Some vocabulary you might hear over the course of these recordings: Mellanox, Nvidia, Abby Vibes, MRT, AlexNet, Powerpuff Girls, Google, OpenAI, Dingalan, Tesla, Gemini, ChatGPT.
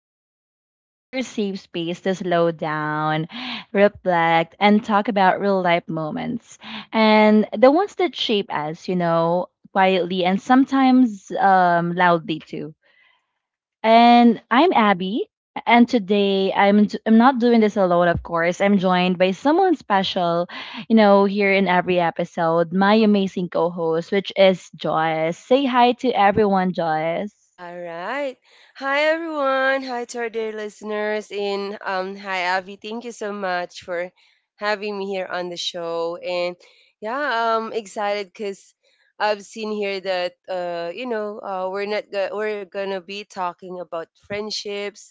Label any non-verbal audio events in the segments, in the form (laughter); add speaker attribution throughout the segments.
Speaker 1: Vibes. This is your safe space to slow down, reflect, and talk about real life moments. And the ones that shape us, you know, quietly and sometimes loudly too. And I'm Abby, and today I'm not doing this alone, of course. I'm joined by someone special, you know, here in every episode, my amazing co host, which is Joyce. Say hi to everyone, Joyce.
Speaker 2: All right. Hi everyone. Hi to our dear listeners and hi Avi. Thank you so much for having me here on the show. And yeah, I'm excited cuz I've seen here that you know, we're not go- we're going to be talking about friendships,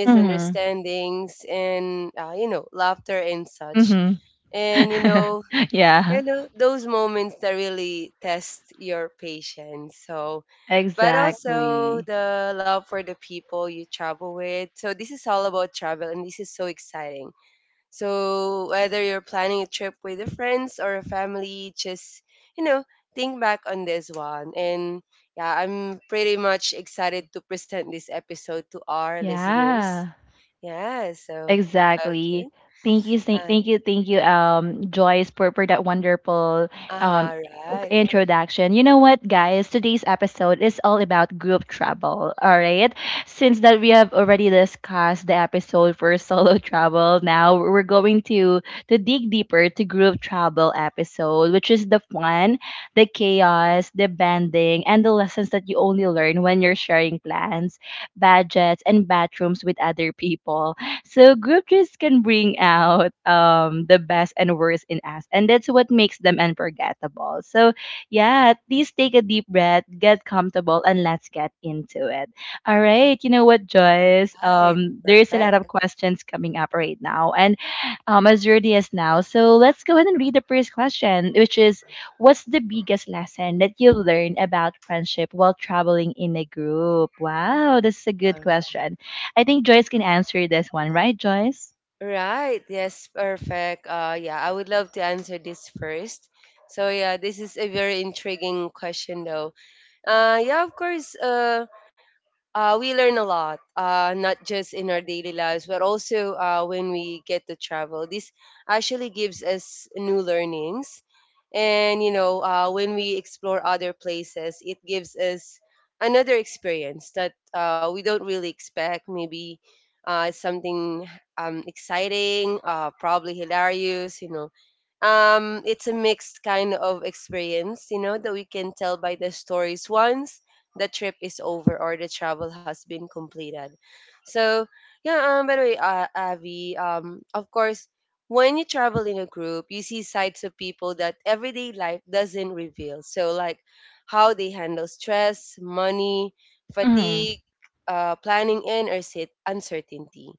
Speaker 2: misunderstandings and laughter and such.
Speaker 1: Mhm.
Speaker 2: And you know,
Speaker 1: (laughs) Yeah,
Speaker 2: you know those moments that really test your patience so but also
Speaker 1: exactly.
Speaker 2: the love for the people you travel with, so this is all about travel and this is so exciting. So whether you're planning a trip with your friends or a family, just you know think back on this one. And yeah, I'm pretty much excited to present this episode to our listeners.
Speaker 1: Yeah.
Speaker 2: yeah so okay
Speaker 1: Exactly. Thank you, thank
Speaker 2: uh,
Speaker 1: thank you, thank you, um, Joyce, for that wonderful um
Speaker 2: right.
Speaker 1: introduction. You know what, guys? Today's episode is all about group travel. All right. Since that we have already discussed the episode for (laughs) solo travel, now we're going to dig deeper to group travel episode, which is the fun, the chaos, the bonding, and the lessons that you only learn when you're sharing plans, budgets, and bathrooms with other people. So group trips can bring out the best and worst in us, and that's what makes them unforgettable. So yeah, please take a deep breath, get comfortable, and let's get into it. All right, you know what,
Speaker 2: All
Speaker 1: Joyce?
Speaker 2: right,
Speaker 1: There's a lot of
Speaker 2: perfect.
Speaker 1: questions coming up right now, and as early as now. So let's go ahead and read the first question, which is, what's the biggest lesson that you learned about friendship while traveling in a group? Wow, this is a good
Speaker 2: All
Speaker 1: question. I think Joyce can answer this one, right, Joyce?
Speaker 2: right. Yes, perfect. Yeah, I would love to answer this first. So yeah, this is a very intriguing question though. Yeah, of course. We learn a lot, not just in our daily lives, but also when we get to travel. This actually gives us new learnings. And, you know, when we explore other places, it gives us another experience that we don't really expect. Maybe something exciting, probably hilarious, you know, it's a mixed kind of experience, you know, that we can tell by the stories once the trip is over or the travel has been completed. So, yeah, by the way, Avi, of course, when you travel in a group, you see sides of people that everyday life doesn't reveal. So, like how they handle stress, money,
Speaker 1: Mm-hmm.
Speaker 2: fatigue, planning, and or sit uncertainty.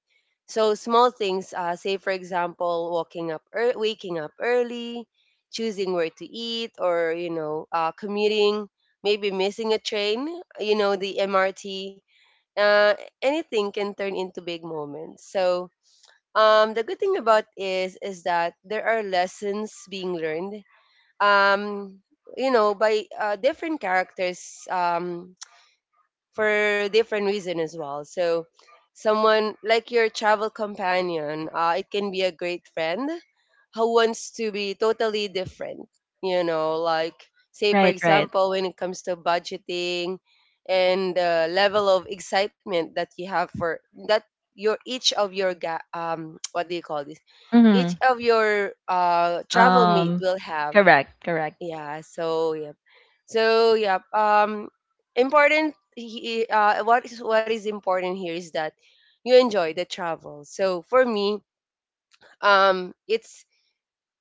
Speaker 2: So small things, say for example, walking up, ear waking up early, choosing where to eat, or you know, commuting, maybe missing a train, you know, the MRT. Uh, Anything can turn into big moments. So the good thing about is that there are lessons being learned. Um, you know, by different characters. For different reason as well. So someone like your travel companion, it can be a great friend who wants to be totally different. You know, like say for
Speaker 1: Right, right.
Speaker 2: example, when it comes to budgeting and the level of excitement that you have for that your each of your ga- (tsk) what do you call this, each
Speaker 1: Mm-hmm.
Speaker 2: of your travel mate
Speaker 1: Um,
Speaker 2: will have.
Speaker 1: correct, correct,
Speaker 2: Yeah. So yep. So yep. Um, Important. What is important here is that you enjoy the travel. So for me, it's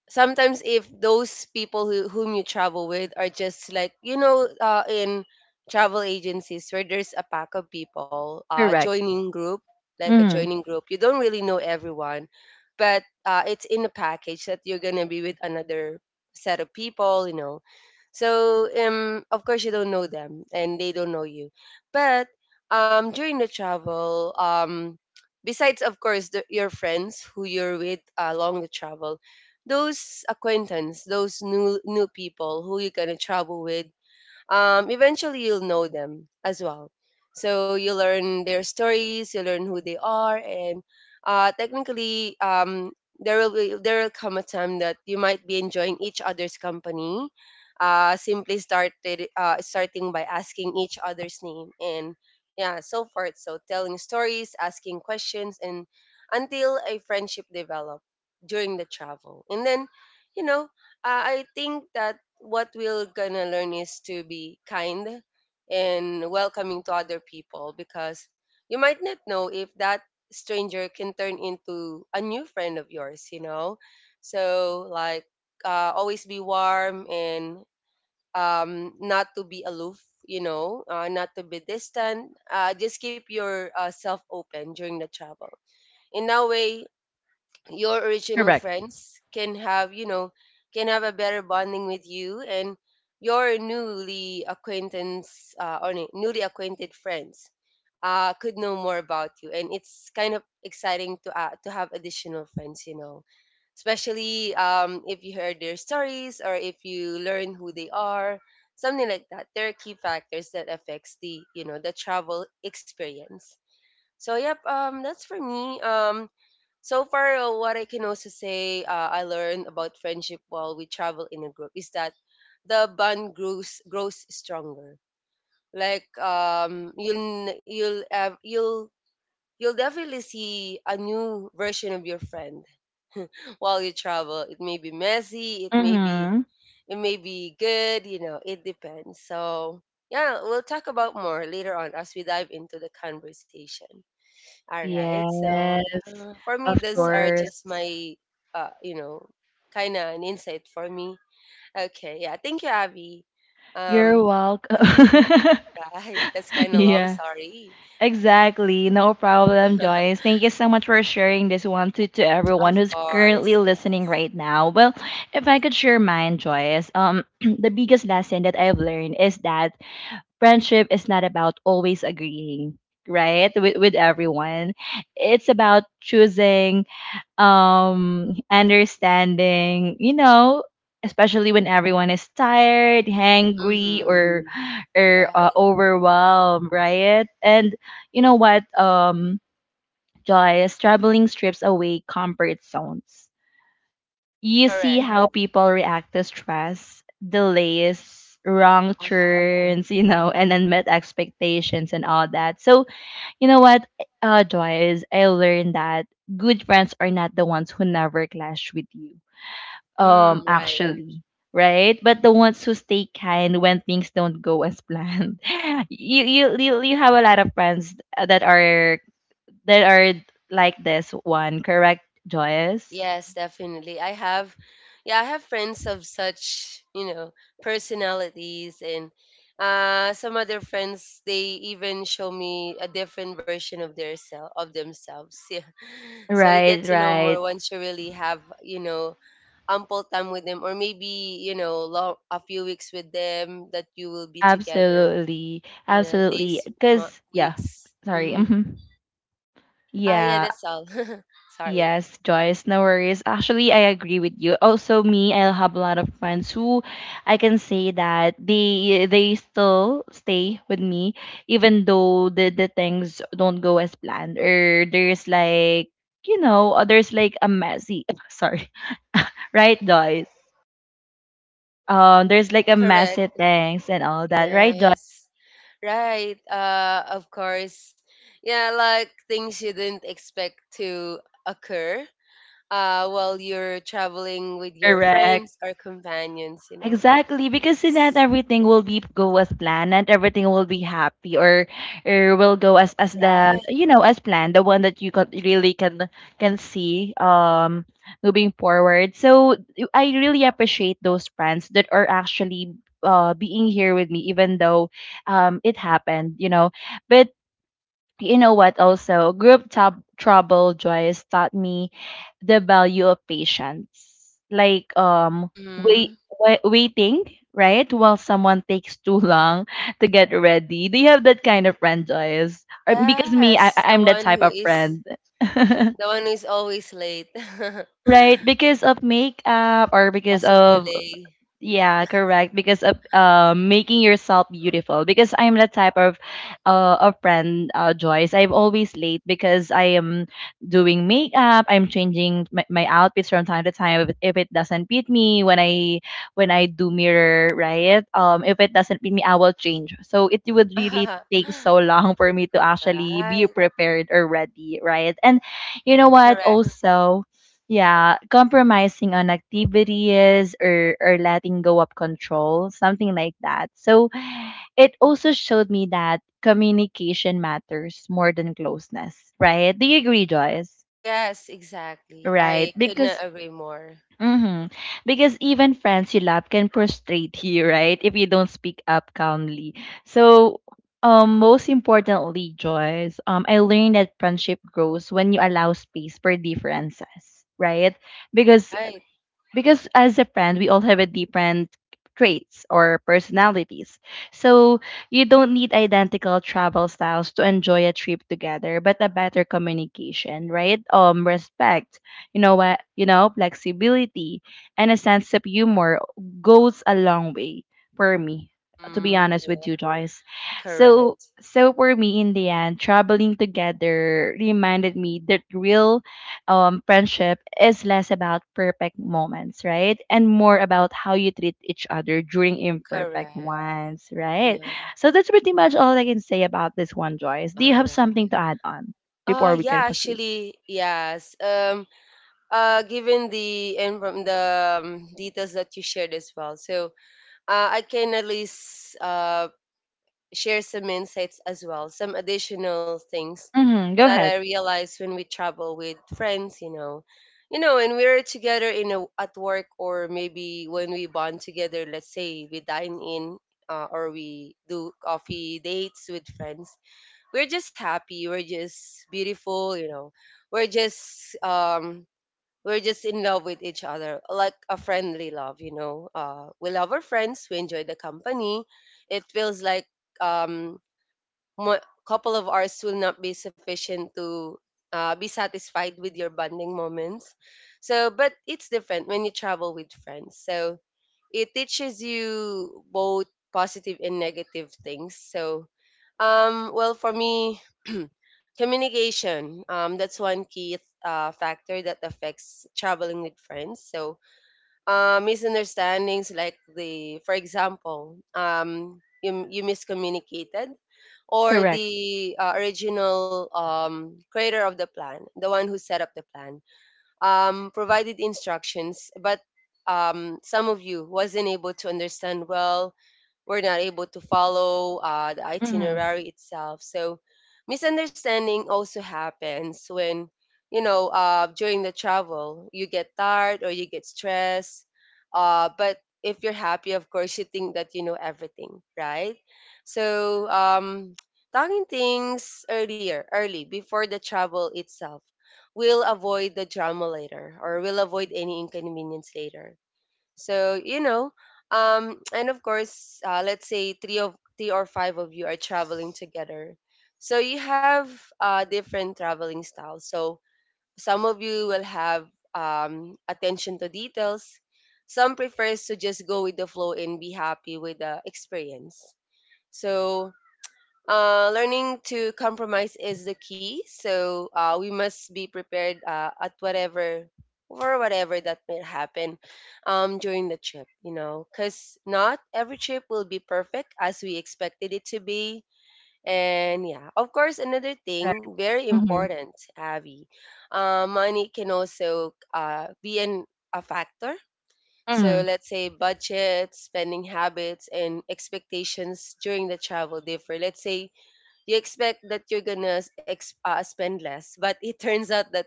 Speaker 2: sometimes if those people who, whom you travel with are just like you know in travel agencies where there's a pack of people
Speaker 1: correct,
Speaker 2: joining group, like a
Speaker 1: Mm-hmm.
Speaker 2: joining group, you don't really know everyone, but it's in a package that you're gonna be with another set of people, you know. So of course you don't know them and they don't know you, but during the travel, besides of course your friends who you're with along the travel, those acquaintance, those new people who you're gonna travel with, eventually you'll know them as well. So you learn their stories, you learn who they are, and technically, there will come a time that you might be enjoying each other's company. Simply started Starting by asking each other's name and yeah, so forth. So telling stories, asking questions, and until a friendship develop during the travel, and then you know I think that what we're gonna learn is to be kind and welcoming to other people, because you might not know if that stranger can turn into a new friend of yours, you know? So, like, always be warm and not to be aloof, you know, not to be distant. Just keep your self open during the travel. In that way, your original
Speaker 1: correct.
Speaker 2: friends can have you know can have a better bonding with you, and your newly acquaintance or newly acquainted friends could know more about you, and it's kind of exciting to have additional friends, you know, especially if you heard their stories or if you learn who they are. Something like that, there are key factors that affects the you know the travel experience. So yep, that's for me. So far, what I can also say I learned about friendship while we travel in a group is that the bond grows stronger. Like you'll definitely see a new version of your friend (laughs) while you travel. It may be messy, it may be,
Speaker 1: Mm-hmm.
Speaker 2: it may be good, you know, it depends. So yeah, we'll talk about more later on as we dive into the conversation. All right. So
Speaker 1: Yes,
Speaker 2: yeah, for me,
Speaker 1: of
Speaker 2: those are
Speaker 1: course.
Speaker 2: just my, you know, kind of an insight for me. Okay. Yeah. Thank you, Abby.
Speaker 1: You're
Speaker 2: Um,
Speaker 1: welcome.
Speaker 2: (laughs)
Speaker 1: (laughs)
Speaker 2: right. That's kind of long.
Speaker 1: Yeah,
Speaker 2: Sorry.
Speaker 1: exactly. No problem,
Speaker 2: (laughs)
Speaker 1: Joyce. Thank you so much for sharing this one to everyone
Speaker 2: Of
Speaker 1: who's currently
Speaker 2: course.
Speaker 1: listening
Speaker 2: Yes.
Speaker 1: right now. Well, if I could share mine, Joyce, (clears throat) the biggest lesson that I've learned is that friendship is not about always agreeing, right? With everyone. It's about choosing, understanding, you know, especially when everyone is tired, hangry
Speaker 2: Mm-hmm.
Speaker 1: or
Speaker 2: Right.
Speaker 1: overwhelmed, right? And you know what, Joyce, traveling strips away comfort zones. You see
Speaker 2: Correct.
Speaker 1: how people react to stress, delays, wrong
Speaker 2: Uh huh.
Speaker 1: turns, you know, and unmet expectations and all that. So, you know what, Joy, is I learned that good friends are not the ones who never clash with you,
Speaker 2: Mm, right.
Speaker 1: actually. Right, but the ones who stay kind when things don't go as planned. (laughs) You have a lot of friends that are like this one, correct, Joyce?
Speaker 2: Yes, definitely. Yeah, I have friends of such, you know, personalities, and some other friends they even show me a different version of their self of themselves. (laughs) Yeah. So you get
Speaker 1: Right,
Speaker 2: to know more
Speaker 1: right.
Speaker 2: once you really have, you know, ample time with them, or maybe you know, long, a few weeks with them that you will be together.
Speaker 1: Absolutely.
Speaker 2: Yeah,
Speaker 1: Absolutely.
Speaker 2: days,
Speaker 1: Because, yeah,
Speaker 2: weeks.
Speaker 1: sorry. (laughs)
Speaker 2: Mm-hmm.
Speaker 1: Mhm.
Speaker 2: Ah, yeah,
Speaker 1: Yeah.
Speaker 2: that's all. (laughs) Sorry.
Speaker 1: Yes, Joyce, no worries. Actually, I agree with you. Also, me, I have a lot of friends who I can say that they still stay with me, even though the things don't go as planned or there's like there's like a messy (laughs) sorry, (laughs) right, Joyce? There's like a
Speaker 2: Correct.
Speaker 1: messy things and all that, right, Joyce?
Speaker 2: Yes. Right. Of course. Yeah, like things you didn't expect to occur while you're traveling with your
Speaker 1: Correct.
Speaker 2: friends or companions, you know.
Speaker 1: Exactly, because in that
Speaker 2: S-
Speaker 1: everything will be go as planned, and everything will be happy or will go as the
Speaker 2: Right.
Speaker 1: you know as planned, the one that you can really can see moving forward. So I really appreciate those friends that are actually being here with me, even though it happened, you know. But you know what also trouble, Joyce, taught me the value of patience, like
Speaker 2: Mm-hmm.
Speaker 1: waiting, right, while someone takes too long to get ready. Do you have that kind of friend, Joyce? Or, because me,
Speaker 2: Yes,
Speaker 1: I'm that type of friend. (laughs)
Speaker 2: the one who is always late (laughs) because
Speaker 1: Right, because of makeup or because
Speaker 2: of
Speaker 1: of
Speaker 2: delay.
Speaker 1: yeah, correct. Because of making yourself beautiful. Because I'm the type of a friend, Joyce. I'm always late because I am doing makeup. I'm changing my outfits from time to time. If it doesn't fit me when I do mirror, right? If it doesn't fit me, I will change. So it would really
Speaker 2: (laughs)
Speaker 1: take so long for me to actually
Speaker 2: Right.
Speaker 1: be prepared or ready, right? And you know what?
Speaker 2: Correct.
Speaker 1: Also, yeah, compromising on activities or letting go of control, something like that. So it also showed me that communication matters more than closeness, right? Do you agree, Joyce?
Speaker 2: Yes, exactly.
Speaker 1: Right?
Speaker 2: I could
Speaker 1: Because
Speaker 2: not agree more.
Speaker 1: hmm because even friends you love can frustrate (laughs) you, right? If you don't speak up calmly. So most importantly, Joyce, I learned that friendship grows when you allow space for differences, right? because
Speaker 2: Right.
Speaker 1: because as a brand we all have a different traits or personalities. So you don't need identical travel styles to enjoy a trip together, but a better communication, right, respect, you know what, you know, flexibility and a sense of humor goes a long way for me, to be honest with you,
Speaker 2: Mm-hmm.
Speaker 1: Joyce. So
Speaker 2: Correct.
Speaker 1: so for me, in the end, traveling together reminded me that real friendship is less about perfect moments, right? And more about how you treat each other during imperfect
Speaker 2: Correct.
Speaker 1: ones, right?
Speaker 2: Yeah.
Speaker 1: So that's pretty much all I can say about this one, Joyce. Do you
Speaker 2: All
Speaker 1: have
Speaker 2: right.
Speaker 1: something to add on before we
Speaker 2: Yeah,
Speaker 1: can proceed?
Speaker 2: actually, yes. Given the and from the details that you shared as well. So, I can at least share some insights as well, some additional things
Speaker 1: Mm-hmm. Go
Speaker 2: that I
Speaker 1: ahead.
Speaker 2: realize when we travel with friends, you know. You know, when we're together in at work, or maybe when we bond together, let's say we dine in or we do coffee dates with friends. We're just happy, we're just beautiful, you know, we're just um we're just in love with each other, like a friendly love, you know. We love our friends, we enjoy the company. It feels like um a couple of hours will not be sufficient to be satisfied with your bonding moments. So, but it's different when you travel with friends, so it teaches you both positive and negative things. So well, for me, communication, that's one key factor that affects traveling with friends. So misunderstandings, like the for example, you miscommunicated, or
Speaker 1: Correct.
Speaker 2: the original creator of the plan, the one who set up the plan, provided instructions, but some of you wasn't able to understand well, were not able to follow the
Speaker 1: Mm-hmm.
Speaker 2: itinerary itself. So misunderstanding also happens when, you know, during the travel, you get tired or you get stressed. But if you're happy, of course, you think that you know everything, right? So talking things early, before the travel itself, we'll avoid the drama later, or we'll avoid any inconvenience later. So you know, and of course let's say three or five of you are traveling together, so you have different traveling styles. So some of you will have attention to details, some prefers to just go with the flow and be happy with the experience. So learning to compromise is the key. So we must be prepared at whatever for whatever that may happen during the trip, you know, because not every trip will be perfect as we expected it to be. And yeah, of course, another
Speaker 1: Right.
Speaker 2: thing very
Speaker 1: Mm-hmm.
Speaker 2: important, Abby, money can also be a factor. So
Speaker 1: Mm-hmm.
Speaker 2: let's say budget, spending habits, and expectations during the travel differ. Let's say you expect that you're gonna spend less, but it turns out that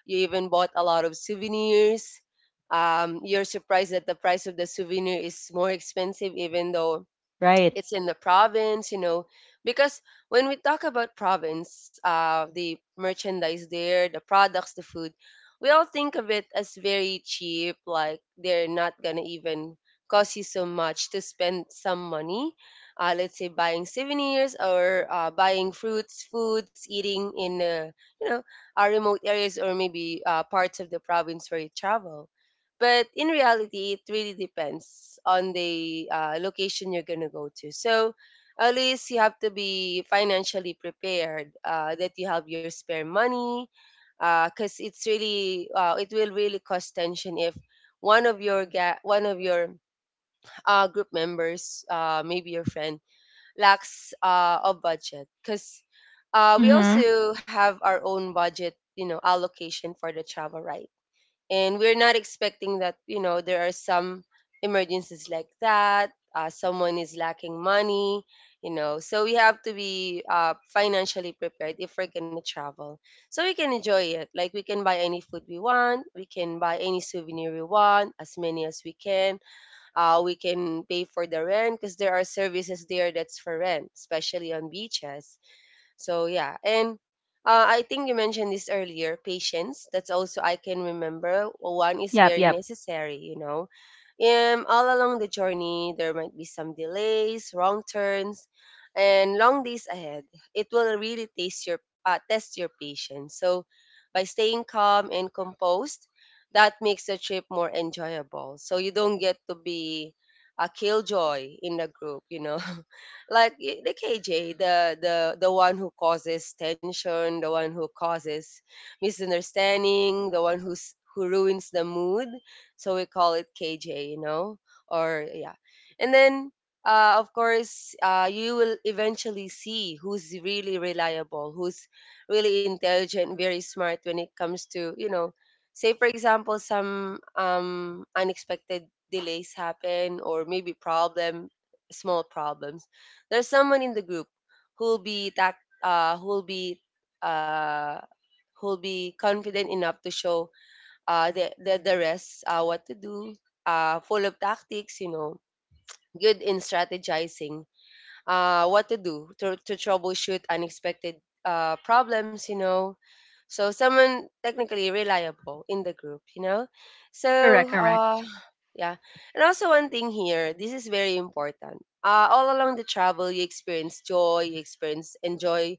Speaker 2: you even bought a lot of souvenirs. You're surprised that the price of the souvenir is more expensive even though
Speaker 1: Right.
Speaker 2: it's in the province, you know, because when we talk about province, the merchandise there, the products, the food, we all think of it as very cheap, like they're not gonna even cost you so much to spend some money, let's say buying souvenirs or buying fruits, foods, eating in you know our remote areas, or maybe parts of the province where you travel. But in reality, it really depends on the location you're going to go to. So at least you have to be financially prepared, that you have your spare money because it will really cause tension if one of your group members, maybe your friend, lacks a budget because we
Speaker 1: Mm-hmm.
Speaker 2: also have our own budget, you know, allocation for the travel, right? And we're not expecting that, you know, there are some emergencies like that, someone is lacking money, so we have to be financially prepared if we're gonna travel so we can enjoy it. Like we can buy any food we want, we can buy any souvenir we want, as many as we can. We can pay for the rent because there are services there that's for rent, especially on beaches. So yeah. And I think you mentioned this earlier. Patience. That's also I can remember. Well, one is
Speaker 1: Yep.
Speaker 2: very
Speaker 1: Yep.
Speaker 2: necessary. All along the journey, there might be some delays, wrong turns, and long days ahead. It will really test your patience. So, by staying calm and composed, that makes the trip more enjoyable. So, you don't get to be a killjoy in the group, you know. (laughs) Like the KJ, the one who causes tension, the one who causes misunderstanding, the one who ruins the mood. So we call it KJ, you know, or yeah. And then of course, you will eventually see who's really reliable, who's really intelligent, very smart when it comes to, you know, say for example, some unexpected delays happen, or maybe problem small problems. There's someone in the group who'll be tac- uh, who'll be uh, who'll be confident enough to show the rest what to do. Full of tactics, you know, good in strategizing, what to do to troubleshoot unexpected problems, you know. So someone technically reliable in the group, you know. So
Speaker 1: Correct. Correct.
Speaker 2: uh, yeah, and also one thing here, this is very important. All along the travel, you experience joy, you experience enjoy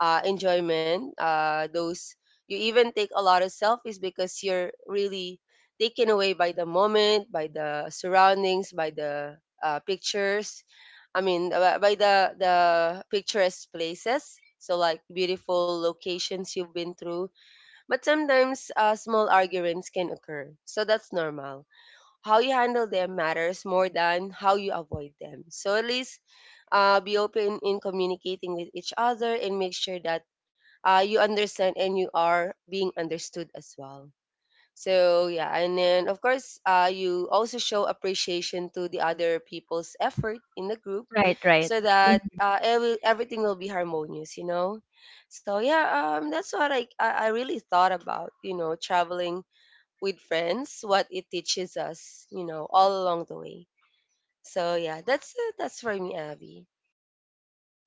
Speaker 2: uh, enjoyment. Those, you even take a lot of selfies because you're really taken away by the moment, by the surroundings, by the pictures. I mean, by the picturesque places. So like beautiful locations you've been through, but sometimes small arguments can occur. So that's normal. How you handle them matters more than how you avoid them. So at least be open in communicating with each other and make sure that you understand and you are being understood as well. So yeah, and then of course, you also show appreciation to the other people's effort in the group,
Speaker 1: Right. Right.
Speaker 2: so that everything will be harmonious, you know. So yeah, that's what I really thought about, you know, traveling with friends, what it teaches us, you know, all along the way. So yeah, that's for me, Abby.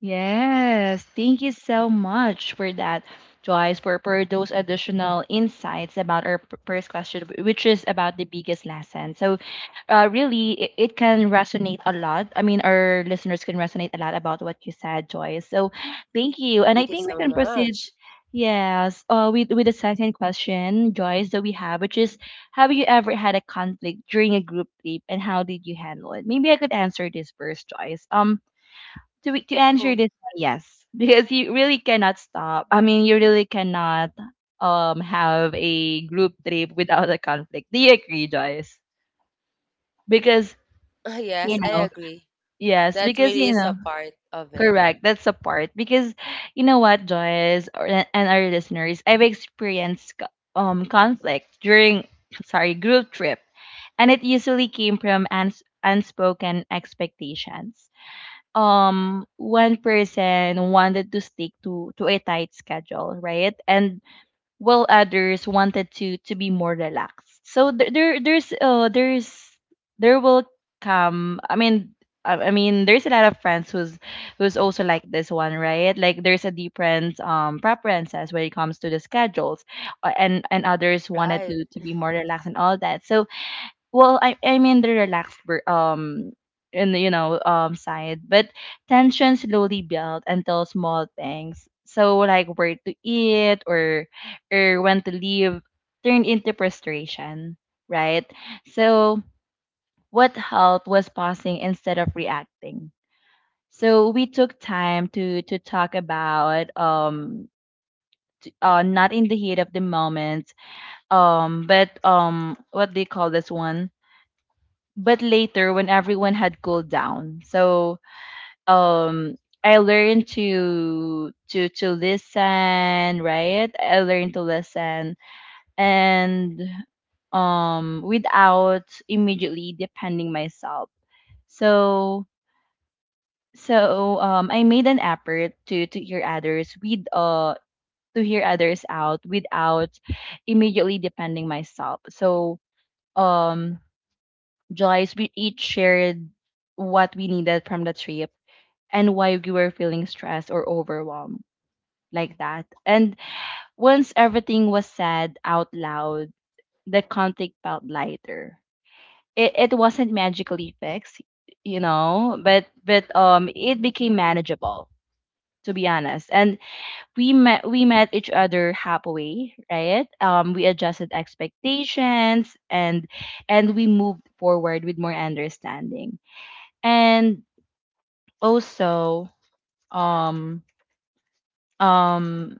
Speaker 1: Yes, thank you so much for that, Joyce, for those additional insights about our first question, which is about the biggest lesson. So, really, it can resonate a lot. I mean, our listeners can resonate a lot about what you said, Joyce. So, thank you. And I
Speaker 2: Thank you
Speaker 1: think we
Speaker 2: so
Speaker 1: can proceed.
Speaker 2: much.
Speaker 1: Yes, with the second question, Joyce, that we have, which is, have you ever had a conflict during a group trip, and how did you handle it? Maybe I could answer this first, Joyce. To answer
Speaker 2: Oh.
Speaker 1: this one, yes, because you really cannot stop. I mean, you really cannot have a group trip without a conflict. Do you agree, Joyce? Because
Speaker 2: (laughs)
Speaker 1: you
Speaker 2: Yes, I
Speaker 1: know,
Speaker 2: agree.
Speaker 1: yes,
Speaker 2: That
Speaker 1: because
Speaker 2: really
Speaker 1: you
Speaker 2: is a
Speaker 1: know,
Speaker 2: part of it.
Speaker 1: correct. That's a part. Because you know what, Joyce, or, and our listeners, I've experienced conflict during (coughs) sorry group trip, and it usually came from unspoken expectations. One person wanted to stick to a tight schedule, right? And while others wanted to be more relaxed. So there there's there will come I mean I mean, there's a lot of friends who's also like this one, right? Like there's a different preferences when it comes to the schedules, and others wanted
Speaker 2: Right.
Speaker 1: to be more relaxed and all that. So well I'm in the relaxed ver- in the, you know side, but tension slowly built until small things, so like where to eat or when to leave, turned into frustration, right? So what helped was pausing instead of reacting. So we took time to talk about not in the heat of the moment, but what do you call this one but later when everyone had cooled down. So um I learned to listen, right? I learned to listen and without immediately depending myself. So so I made an effort to hear others with to hear others out without immediately depending myself. So um Joyce, we each shared what we needed from the trip and why we were feeling stressed or overwhelmed like that. And once everything was said out loud, the conflict felt lighter. It wasn't magically fixed, you know, but but it became manageable, to be honest. And we met each other halfway, right? Um, we adjusted expectations and we moved forward with more understanding. And also um um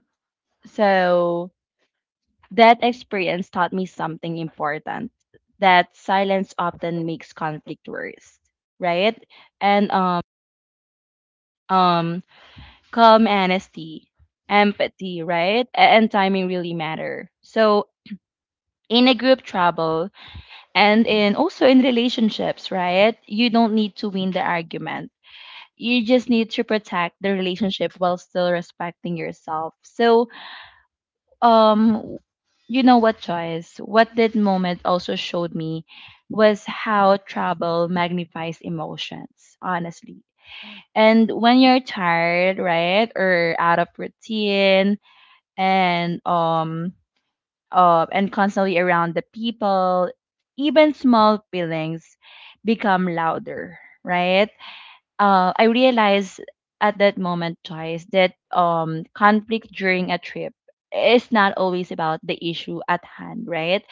Speaker 1: so that experience taught me something important, that silence often makes conflict worse, right? And um calm honesty, empathy, right, and timing really matter. So in a group travel and in also in relationships, right, you don't need to win the argument, you just need to protect the relationship while still respecting yourself. So um you know what, choice, what that moment also showed me was how trouble magnifies emotions, honestly. And when you're tired, right, or out of routine, and um and constantly around the people, even small feelings become louder, right? I realized at that moment, Joyce, that conflict during a trip is not always about the issue at hand, right?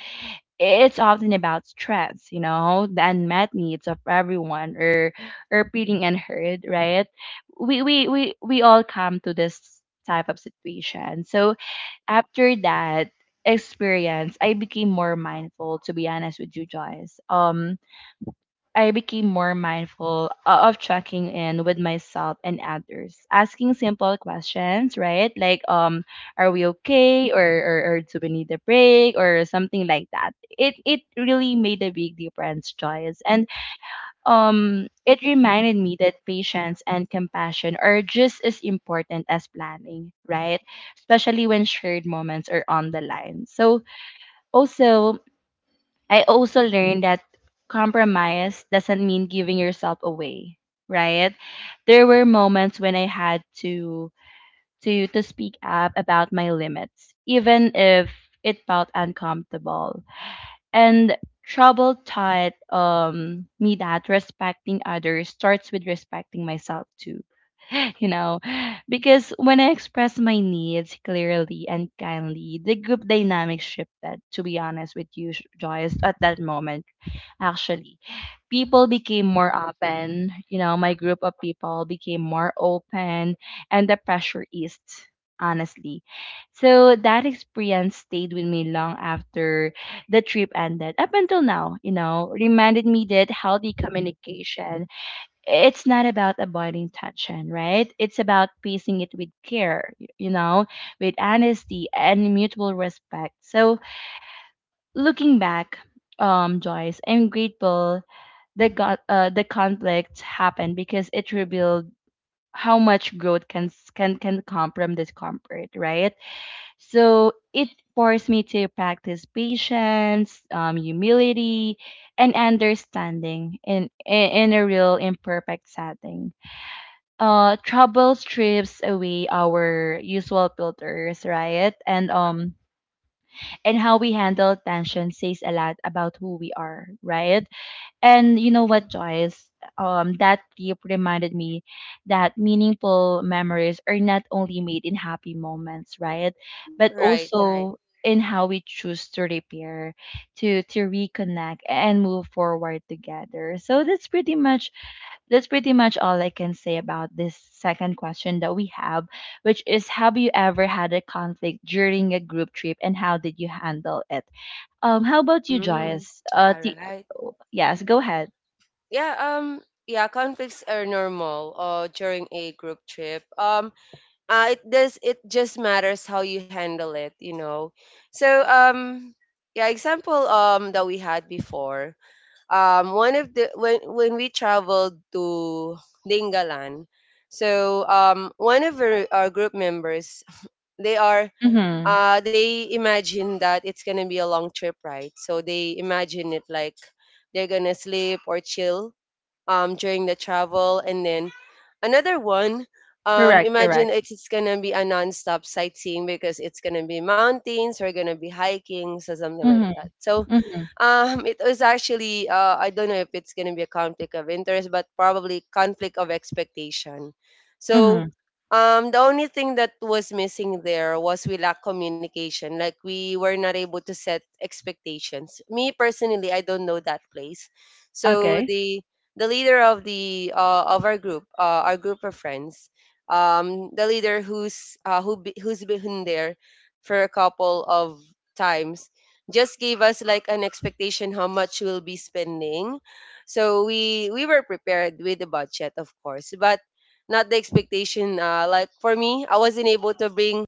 Speaker 1: It's often about stress, you know, the unmet needs of everyone, or feeling unheard, right? We all come to this type of situation. So after that experience, I became more mindful. To be honest with you, Joyce, I became more mindful of checking in with myself and others, asking simple questions, right? Like, are we okay, or do we need a break, or something like that. It really made a big difference, Joyce, and it reminded me that patience and compassion are just as important as planning, right? Especially when shared moments are on the line. So also, I also learned that compromise doesn't mean giving yourself away, right? There were moments when I had to speak up about my limits, even if it felt uncomfortable. And trouble taught me that respecting others starts with respecting myself too. (laughs) You know, because when I expressed my needs clearly and kindly, the group dynamic shifted, to be honest with you, Joyce, at that moment, actually. People became more open, you know, my group of people became more open, and the pressure eased, honestly. So that experience stayed with me long after the trip ended up until now, you know, reminded me that healthy communication, it's not about avoiding tension, right? It's about pacing it with care, you know, with honesty and mutual respect. So looking back, Joyce, I'm grateful the conflict happened because it revealed how much growth can s- can come from discomfort, right? So it forced me to practice patience, humility, and understanding in a real imperfect setting. Trouble strips away our usual filters, right? And how we handle tension says a lot about who we are, right? And you know what, Joyce? That trip reminded me that meaningful memories are not only made in happy moments, right? But
Speaker 2: Right, right.
Speaker 1: also in how we choose to repair, to reconnect and move forward together. So that's pretty much all I can say about this second question that we have, which is, have you ever had a conflict during a group trip and how did you handle it? How about you,
Speaker 2: Mm-hmm.
Speaker 1: Joyce?
Speaker 2: All right.
Speaker 1: Yes, go ahead.
Speaker 2: Yeah, yeah, conflicts are normal during a group trip. It does, it just matters how you handle it, you know. So yeah, example that we had before. One of the when we traveled to Dingalan, so one of our group members, they
Speaker 1: Mm,
Speaker 2: are
Speaker 1: mhm.
Speaker 2: they imagine that it's gonna be a long trip, right? So they imagine it like they're gonna sleep or chill during the travel. And then another one,
Speaker 1: Correct,
Speaker 2: imagine
Speaker 1: correct.
Speaker 2: it's going to be a non-stop sightseeing because it's going to be mountains, we're going to be hiking, so something like
Speaker 1: Mhm,
Speaker 2: that. So
Speaker 1: mm,
Speaker 2: it was actually, I don't know if it's going to be a conflict of interest, but probably conflict of expectation. So
Speaker 1: mhm.
Speaker 2: the only thing that was missing there was we lack communication. Like we were not able to set expectations. Me personally, I don't know that place. So
Speaker 1: Okay,
Speaker 2: the leader of the of our group of friends, the leader who's been there for a couple of times, just gave us like an expectation how much we'll be spending. So we were prepared with the budget, of course, but not the expectation. Like for me,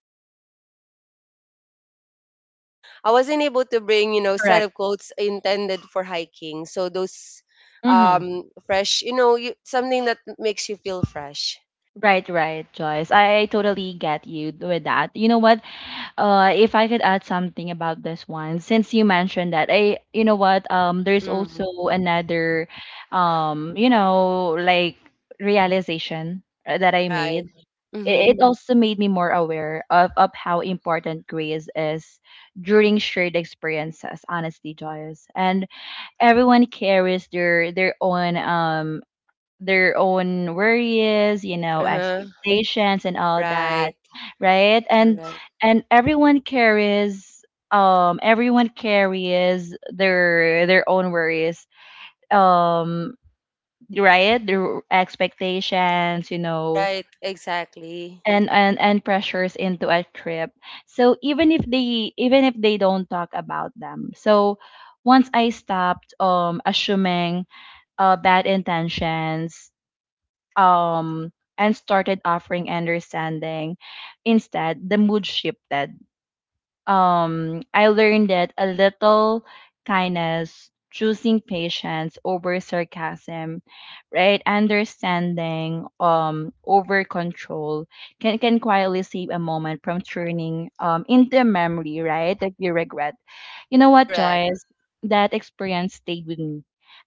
Speaker 2: I wasn't able to bring, you know, set
Speaker 1: correct.
Speaker 2: of clothes intended for hiking. So those
Speaker 1: Mhm.
Speaker 2: fresh, you know, something that makes you feel fresh.
Speaker 1: Right, right, Joyce. I totally get you with that. You know what? If I could add something about this one, since you mentioned that, I, you know what? There's also
Speaker 2: Mm,
Speaker 1: another, you know, like realization that I made.
Speaker 2: right.
Speaker 1: It, it
Speaker 2: Mm-hmm.
Speaker 1: Mhm. also made me more aware of how important grace is during shared experiences. Honestly, Joyce, and everyone carries their own their own worries, you know,
Speaker 2: Uh-huh.
Speaker 1: expectations and all that,
Speaker 2: Right.
Speaker 1: right? and
Speaker 2: Correct.
Speaker 1: and everyone carries, everyone carries their own worries, um, right, their expectations, you know,
Speaker 2: Right. Exactly.
Speaker 1: and pressures into a trip. So even if they don't talk about them. So once I stopped assuming bad intentions, um, and started offering understanding instead, the mood shifted. I learned that a little kindness, choosing patience over sarcasm, right, understanding over control, can quietly save a moment from turning into a memory, right, that you regret. You know what,
Speaker 2: Correct.
Speaker 1: Joyce? That experience stayed with me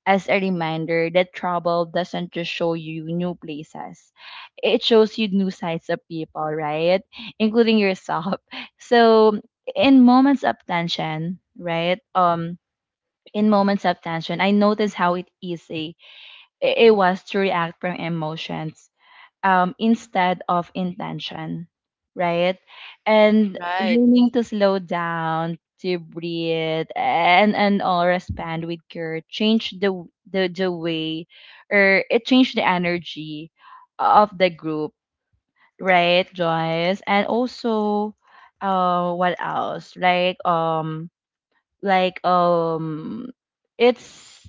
Speaker 1: as a reminder that trouble doesn't just show you new places. It shows you new sides of people, right? Including yourself. (laughs) So in moments of tension, right? In moments of tension, I noticed how it easy it was to react from emotions, instead of intention, right? And
Speaker 2: Right.
Speaker 1: learning to slow down, to breathe, and all respond with care, change the way, or it changed the energy of the group, right, Joyce? And also, what else? Like it's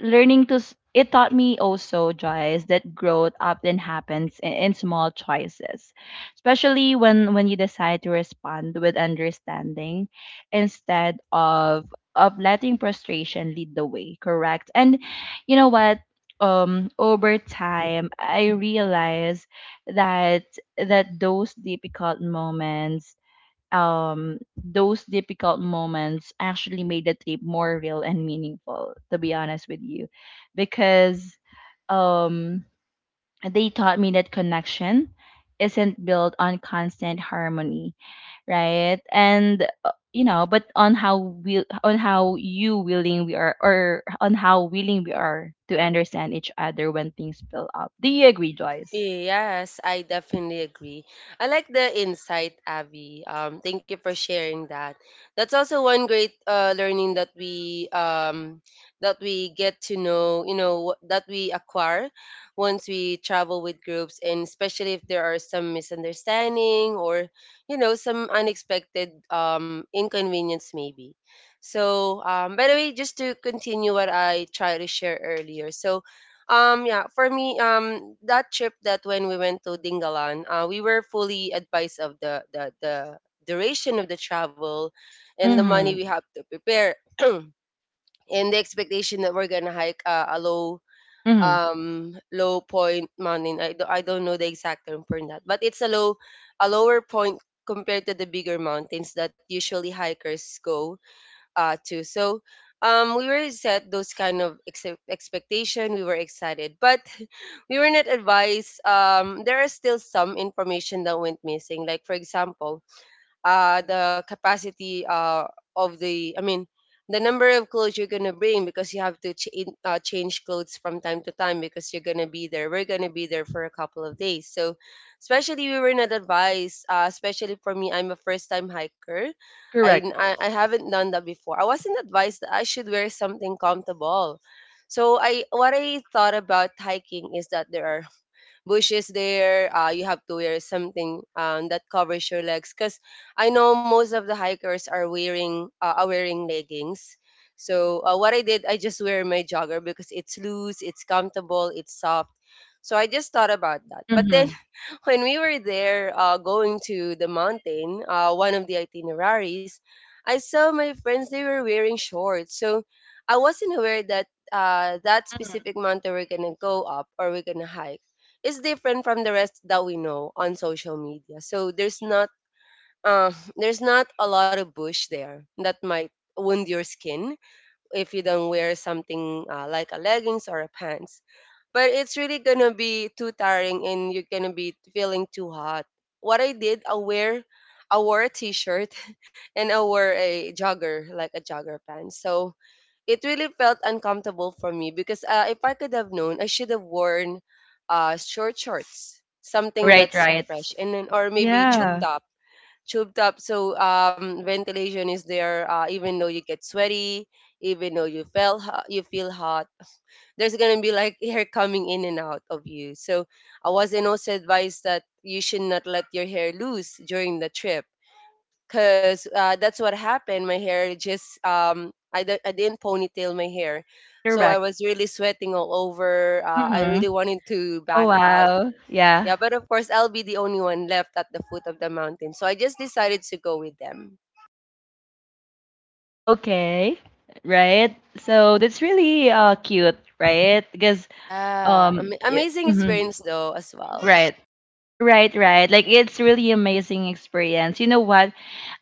Speaker 1: learning it taught me also, Joyce, that growth often happens in small choices, especially when you decide to respond with understanding instead of letting frustration lead the way. Correct. And you know what? Um, over time I realized that, that those difficult moments, those difficult moments actually made the trip more real and meaningful, to be honest with you, because um, they taught me that connection isn't built on constant harmony, right? And you know, but on how will on how you willing we are, or on how willing we are to understand each other when things build up. Do you agree, Joyce?
Speaker 2: Yes, I definitely agree. I like the insight, Abby. Thank you for sharing that. That's also one great learning that we get to know, you know, that we acquire once we travel with groups, and especially if there are some misunderstanding or, you know, some unexpected inconvenience, maybe. So, by the way, just to continue what I tried to share earlier, so yeah, for me, that trip that when we went to Dingalan, we were fully advised of the duration of the travel and the money
Speaker 1: Mm-hmm.
Speaker 2: we have to prepare (clears throat) and the expectation that we're gonna hike a low
Speaker 1: Mm-hmm.
Speaker 2: low point mountain. I don't know the exact term for that, but it's a low a lower point compared to the bigger mountains that usually hikers go too. So we were set those kind of expectation. We were excited, but (laughs) we were not advised. There are still some information that went missing. Like for example, the capacity of the, I mean, the number of clothes you're gonna bring because you have to change clothes from time to time because you're gonna be there. We're gonna be there for a couple of days, so especially we were not advised. Especially for me, I'm a first-time hiker.
Speaker 1: Correct.
Speaker 2: I haven't done that before. I wasn't advised that I should wear something comfortable. So I what I thought about hiking is that there are bush is there. You have to wear something that covers your legs because I know most of the hikers are wearing leggings. So what I did, I just wear my jogger because it's loose, it's comfortable, it's soft. So I just thought about that. But then
Speaker 1: Mm-hmm.
Speaker 2: when we were there, going to the mountain, one of the itineraries, I saw my friends, they were wearing shorts. So I wasn't aware that that specific mountain we're going to go up or we're going to hike is different from the rest that we know on social media. So there's not a lot of bush there that might wound your skin if you don't wear something like a leggings or a pants, but it's really gonna be too tiring and you're gonna be feeling too hot. What I did, I wore a t-shirt, (laughs) and I wore a jogger, like a jogger pants. So it really felt uncomfortable for me because, if I could have known, I should have worn short shorts, something
Speaker 1: Right,
Speaker 2: that's
Speaker 1: right.
Speaker 2: fresh, and then or maybe tube
Speaker 1: Yeah.
Speaker 2: top, tubed up, so ventilation is there, even though you get sweaty, even though you feel hot, there's going to be like (laughs) hair coming in and out of you. So I was in also advised that you should not let your hair loose during the trip because, that's what happened, my hair just I didn't ponytail my hair, so I
Speaker 1: Correct.
Speaker 2: was really sweating all over. I
Speaker 1: Mm-hmm.
Speaker 2: really wanted to
Speaker 1: Oh
Speaker 2: back out,
Speaker 1: wow. Yeah.
Speaker 2: yeah, but of course, I'll be the only one left at the foot of the mountain. So I just decided to go with them.
Speaker 1: Okay. Right. So that's really cute, right? Because
Speaker 2: Yeah, amazing
Speaker 1: mhm,
Speaker 2: experience though as well,
Speaker 1: right. Right, right. Like it's really amazing experience. You know what?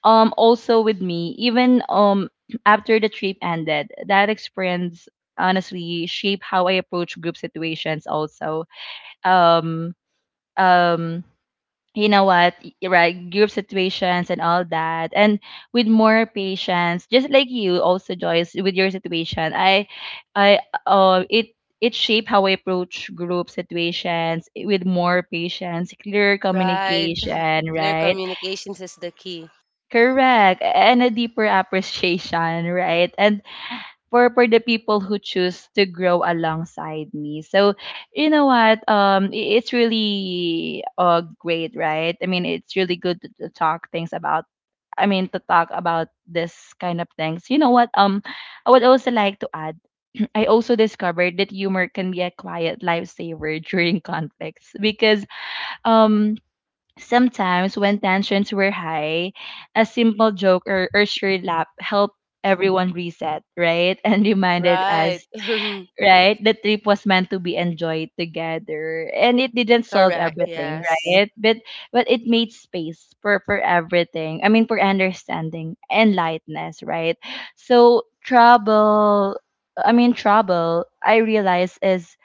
Speaker 1: Um, also with me, even (clears throat) after the trip ended, that experience honestly shaped how I approach group situations also. Um um, you know what, right, group situations and all that, and with more patience, just like you also, Joyce, with your situation. I i uh it it shaped how I approach group situations, with more patience, clear
Speaker 2: right?
Speaker 1: communication,
Speaker 2: (sighs) Clear
Speaker 1: right,
Speaker 2: communications is the key,
Speaker 1: correct, and a deeper (laughs) appreciation, right, and for the people who choose to grow alongside me. So, you know what? It's really great, right? I mean, it's really good to talk things about. I mean, to talk about this kind of things. You know what? I would also like to add. (clears throat) I also discovered that humor can be a quiet lifesaver (laughs) during conflicts because um sometimes, when tensions were high, a simple joke or shared laugh helped everyone reset, right? (laughs) And reminded
Speaker 2: right?
Speaker 1: us,
Speaker 2: (laughs)
Speaker 1: right, the trip was meant to be enjoyed together. And it didn't solve
Speaker 2: Correct.
Speaker 1: everything,
Speaker 2: Yes.
Speaker 1: right? But it made space for everything. I mean, for understanding and lightness, right? So trouble. I mean, trouble, I realize, is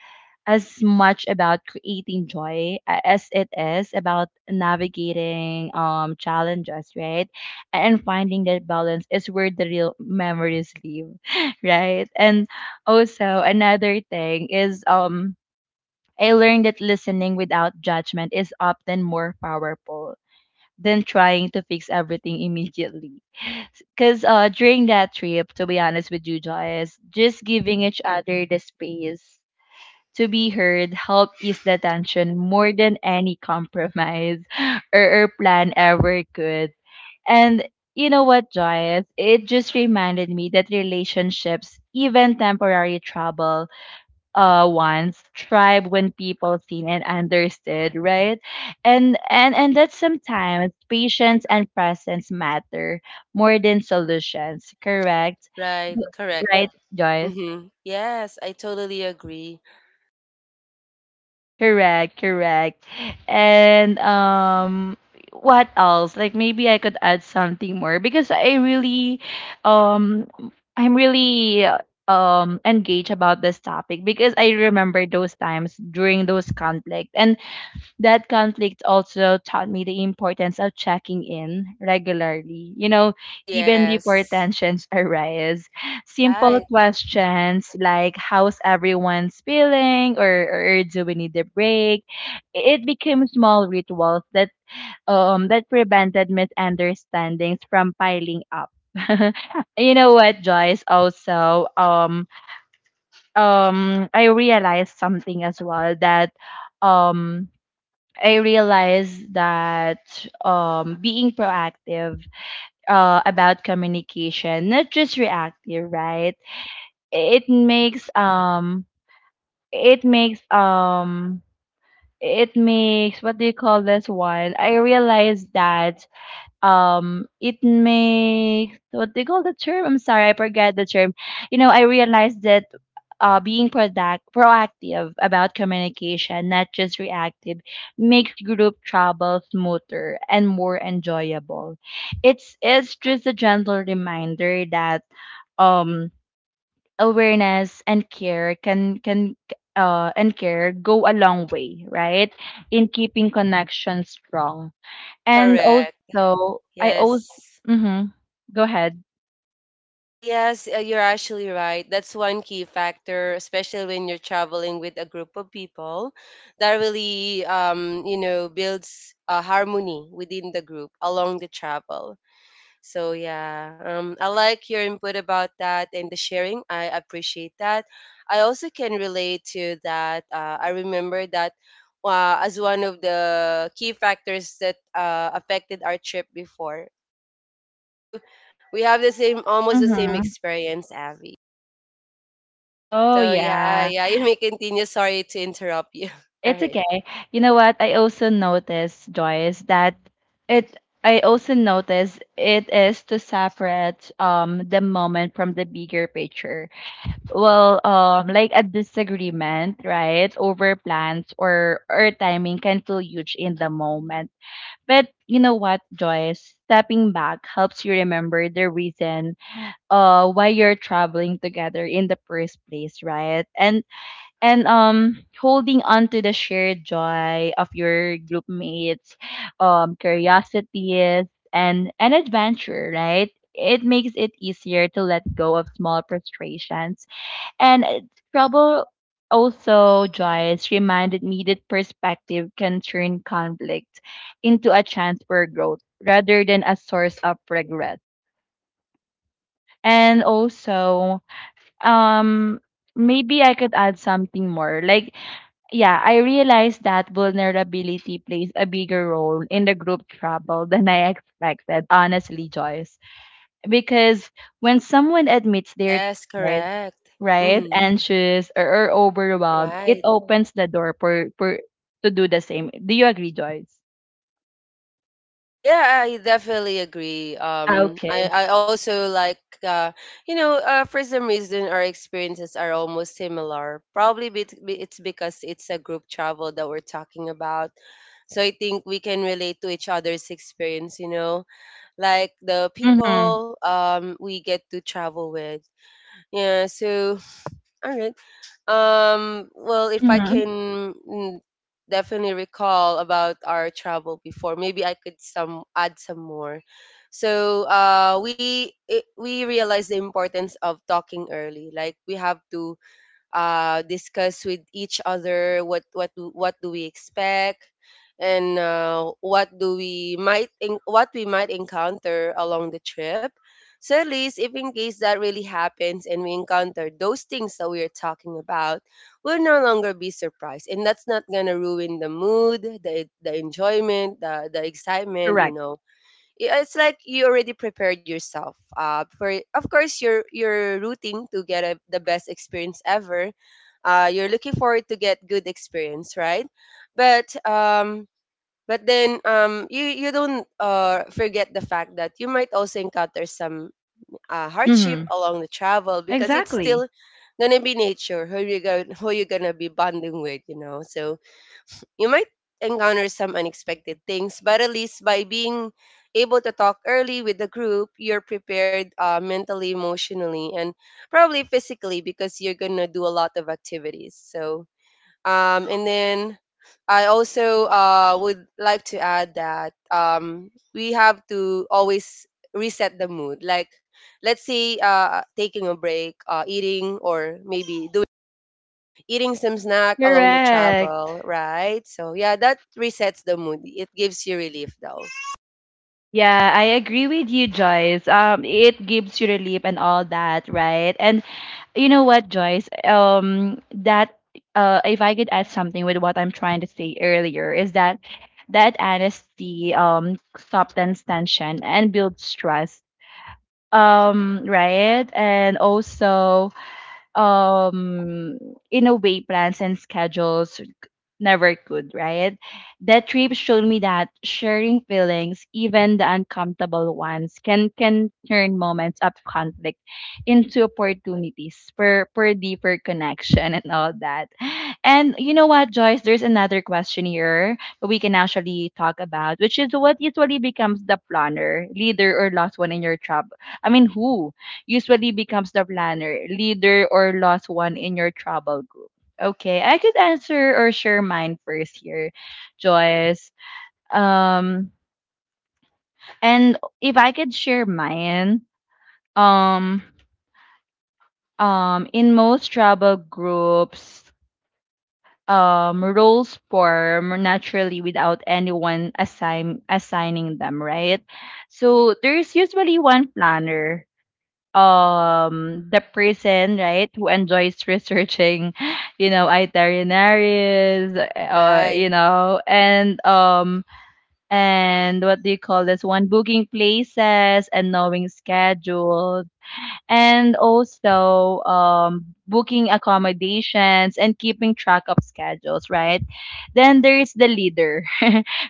Speaker 1: as much about creating joy as it is about navigating challenges, right? And finding that balance is where the real memories live, (laughs) right? And also another thing is, um, I learned that listening without judgment is often more powerful than trying to fix everything immediately. (laughs) Because during that trip, to be honest with you, Joyce, just giving each other the space to be heard help ease the tension more than any compromise (gasps) (laughs) or plan ever could. And you know what, Joyce? It just reminded me that relationships, even temporary trouble, once thrive when people seen and understood, right? And and that sometimes patience and presence matter more than solutions. Correct,
Speaker 2: Right. Correct.
Speaker 1: right, Joyce?
Speaker 2: Hmm. Yes, I totally agree.
Speaker 1: Correct, correct. And um, what else? Like maybe I could add something more because I really um, I'm really engaged about this topic because I remember those times during those conflict, and that conflict also taught me the importance of checking in regularly. You know, even before
Speaker 2: Yes.
Speaker 1: tensions (laughs) arise, simple
Speaker 2: Right.
Speaker 1: questions like how's everyone's feeling or do we need a break? It became small rituals that that prevented misunderstandings from piling up. (laughs) You know what, Joyce? Also, I realized something as well that um, I realized that being proactive about communication, not just reactive, right? It makes um, it makes um, it makes what do you call this one? I realized that um, it makes what they call the term. I'm sorry, I forget the term. You know, I realized that being proactive about communication, not just reactive, makes group travel smoother and more enjoyable. It's just a gentle reminder that um, awareness and care can and care go a long way, right, in keeping connections strong. And
Speaker 2: Correct.
Speaker 1: also, I also
Speaker 2: Yes.
Speaker 1: mhm. Go ahead.
Speaker 2: Yes, you're actually right. That's one key factor, especially when you're traveling with a group of people. That really, you know, builds harmony within the group along the travel. So yeah, I like your input about that and the sharing. I appreciate that. I also can relate to that. I remember that, as one of the key factors that affected our trip before. So we have the same, almost the same
Speaker 1: Mhm.
Speaker 2: experience, Abby.
Speaker 1: Oh,
Speaker 2: So yeah,
Speaker 1: yeah.
Speaker 2: yeah, you may continue. Sorry to interrupt you. (laughs) All
Speaker 1: It's
Speaker 2: right.
Speaker 1: okay. You know what? I also noticed, Joyce, that it, I also noticed it is to separate the moment from the bigger picture. Well, like a disagreement, right, over plans or timing can feel huge in the moment. But you know what, Joyce? Stepping back helps you remember the reason why you're traveling together in the first place, right? And holding on to the shared joy of your group mates, um, curiosities and an adventure, right, it makes it easier to let go of small frustrations. And trouble also, Joyce, reminded me that perspective can turn conflict into a chance for growth rather than a source of regret. And also, um, maybe I could add something more. Like, yeah, I realized that vulnerability plays a bigger role in the group trouble than I expected, honestly, Joyce. Because when someone admits they're
Speaker 2: Yes,
Speaker 1: tired,
Speaker 2: correct.
Speaker 1: right,
Speaker 2: Mm-hmm.
Speaker 1: anxious or overwhelmed, it
Speaker 2: Right.
Speaker 1: opens the door for to do the same. Do you agree, Joyce?
Speaker 2: Yeah, I definitely agree.
Speaker 1: Ah, okay.
Speaker 2: I also like, you know, for some reason, our experiences are almost similar. Probably it's because it's a group travel that we're talking about. So I think we can relate to each other's experience, like the
Speaker 1: Mm-hmm.
Speaker 2: people we get to travel with. Yeah, so (sighs) all right. Well, if I
Speaker 1: Mm-hmm.
Speaker 2: can definitely recall about our travel before, maybe I could some add some more. So, we realize the importance of talking early. Like we have to discuss with each other what do we expect and what do we what we might encounter along the trip. So at least if in case that really happens and we encounter those things that we are talking about, we'll no longer be surprised, and that's not gonna ruin the mood, the enjoyment, the excitement, you
Speaker 1: Correct.
Speaker 2: know yeah, it's like you already prepared yourself for of course you're rooting to get the best experience ever. You're looking forward to get good experience, right? But um, but then you don't forget the fact that you might also encounter some hardship
Speaker 1: Mm-hmm.
Speaker 2: along the travel because it's
Speaker 1: Exactly.
Speaker 2: still gonna be nature who you're gonna be bonding with, you know. So you might encounter some unexpected things, but at least by being able to talk early with the group, you're prepared mentally, emotionally, and probably physically because you're going to do a lot of activities. So, and then I also would like to add that we have to always reset the mood. Like, let's say taking a break, eating, or maybe doing eating some snack along the
Speaker 1: Correct.
Speaker 2: travel, right? So yeah, that resets the mood. It gives you relief though,
Speaker 1: Yeah, I agree with you, Joyce. It gives you relief and all that, right? And you know what, Joyce? That if I could add something with what I'm trying to say earlier, is that that honesty softens tension and builds trust. Right? And also, um, in a way, plans and schedules never could, right? That trip showed me that sharing feelings, even the uncomfortable ones, can turn moments of conflict into opportunities for deeper connection and all that. And you know what, Joyce, there's another question here that we can actually talk about, which is what usually becomes the planner, leader or lost one in your trouble. Who usually becomes the planner, leader or lost one in your trouble group? Okay, I could answer or share mine first here, Joyce. Um, and if I could share mine, um, in most travel groups, roles form naturally without anyone assigning them, right? So there's usually one planner, the person, right, who enjoys researching (laughs) you know itineraries,
Speaker 2: right?
Speaker 1: you know, and what do you call this one, booking places and knowing schedules and also booking accommodations and keeping track of schedules, right? Then there is the leader, (laughs)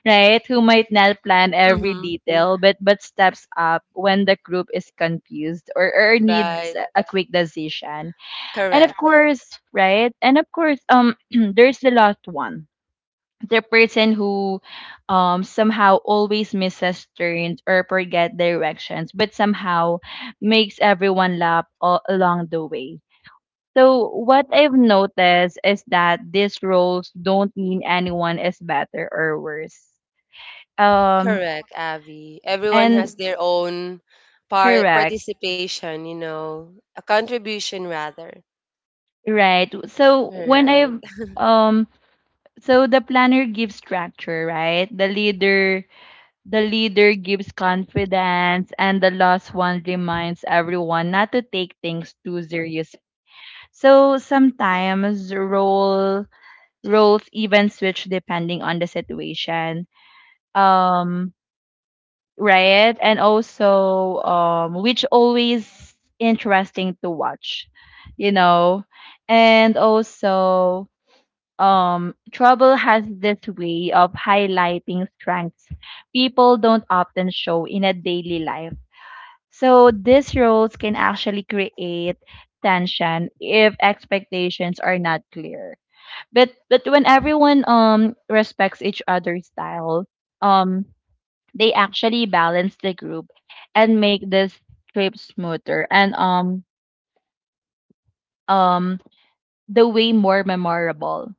Speaker 1: right, who might not plan every
Speaker 2: Mm-hmm.
Speaker 1: detail, but steps up when the group is confused or
Speaker 2: Right.
Speaker 1: needs a quick decision. And of
Speaker 2: Correct.
Speaker 1: course, right, and of course, (clears throat) there's the last one, the person who somehow always misses turns or forget directions, but somehow makes everyone laugh all along the way. So what I've noticed is that these roles don't mean anyone is better or worse. Um
Speaker 2: Correct, Avi. Everyone
Speaker 1: and
Speaker 2: has their own
Speaker 1: Correct,
Speaker 2: participation, you know, a contribution rather.
Speaker 1: right. So when
Speaker 2: Right.
Speaker 1: I've um so the planner gives structure, right. The leader gives confidence, and the lost one reminds everyone not to take things too serious. So sometimes roles even switch depending on the situation. Um, right? And also, which always interesting to watch, you know. And also, trouble has this way of highlighting strengths people don't often show in a daily life. So these roles can actually create tension if expectations are not clear. But when everyone respects each other's style, um they actually balance the group and make this trip smoother and um the way more memorable.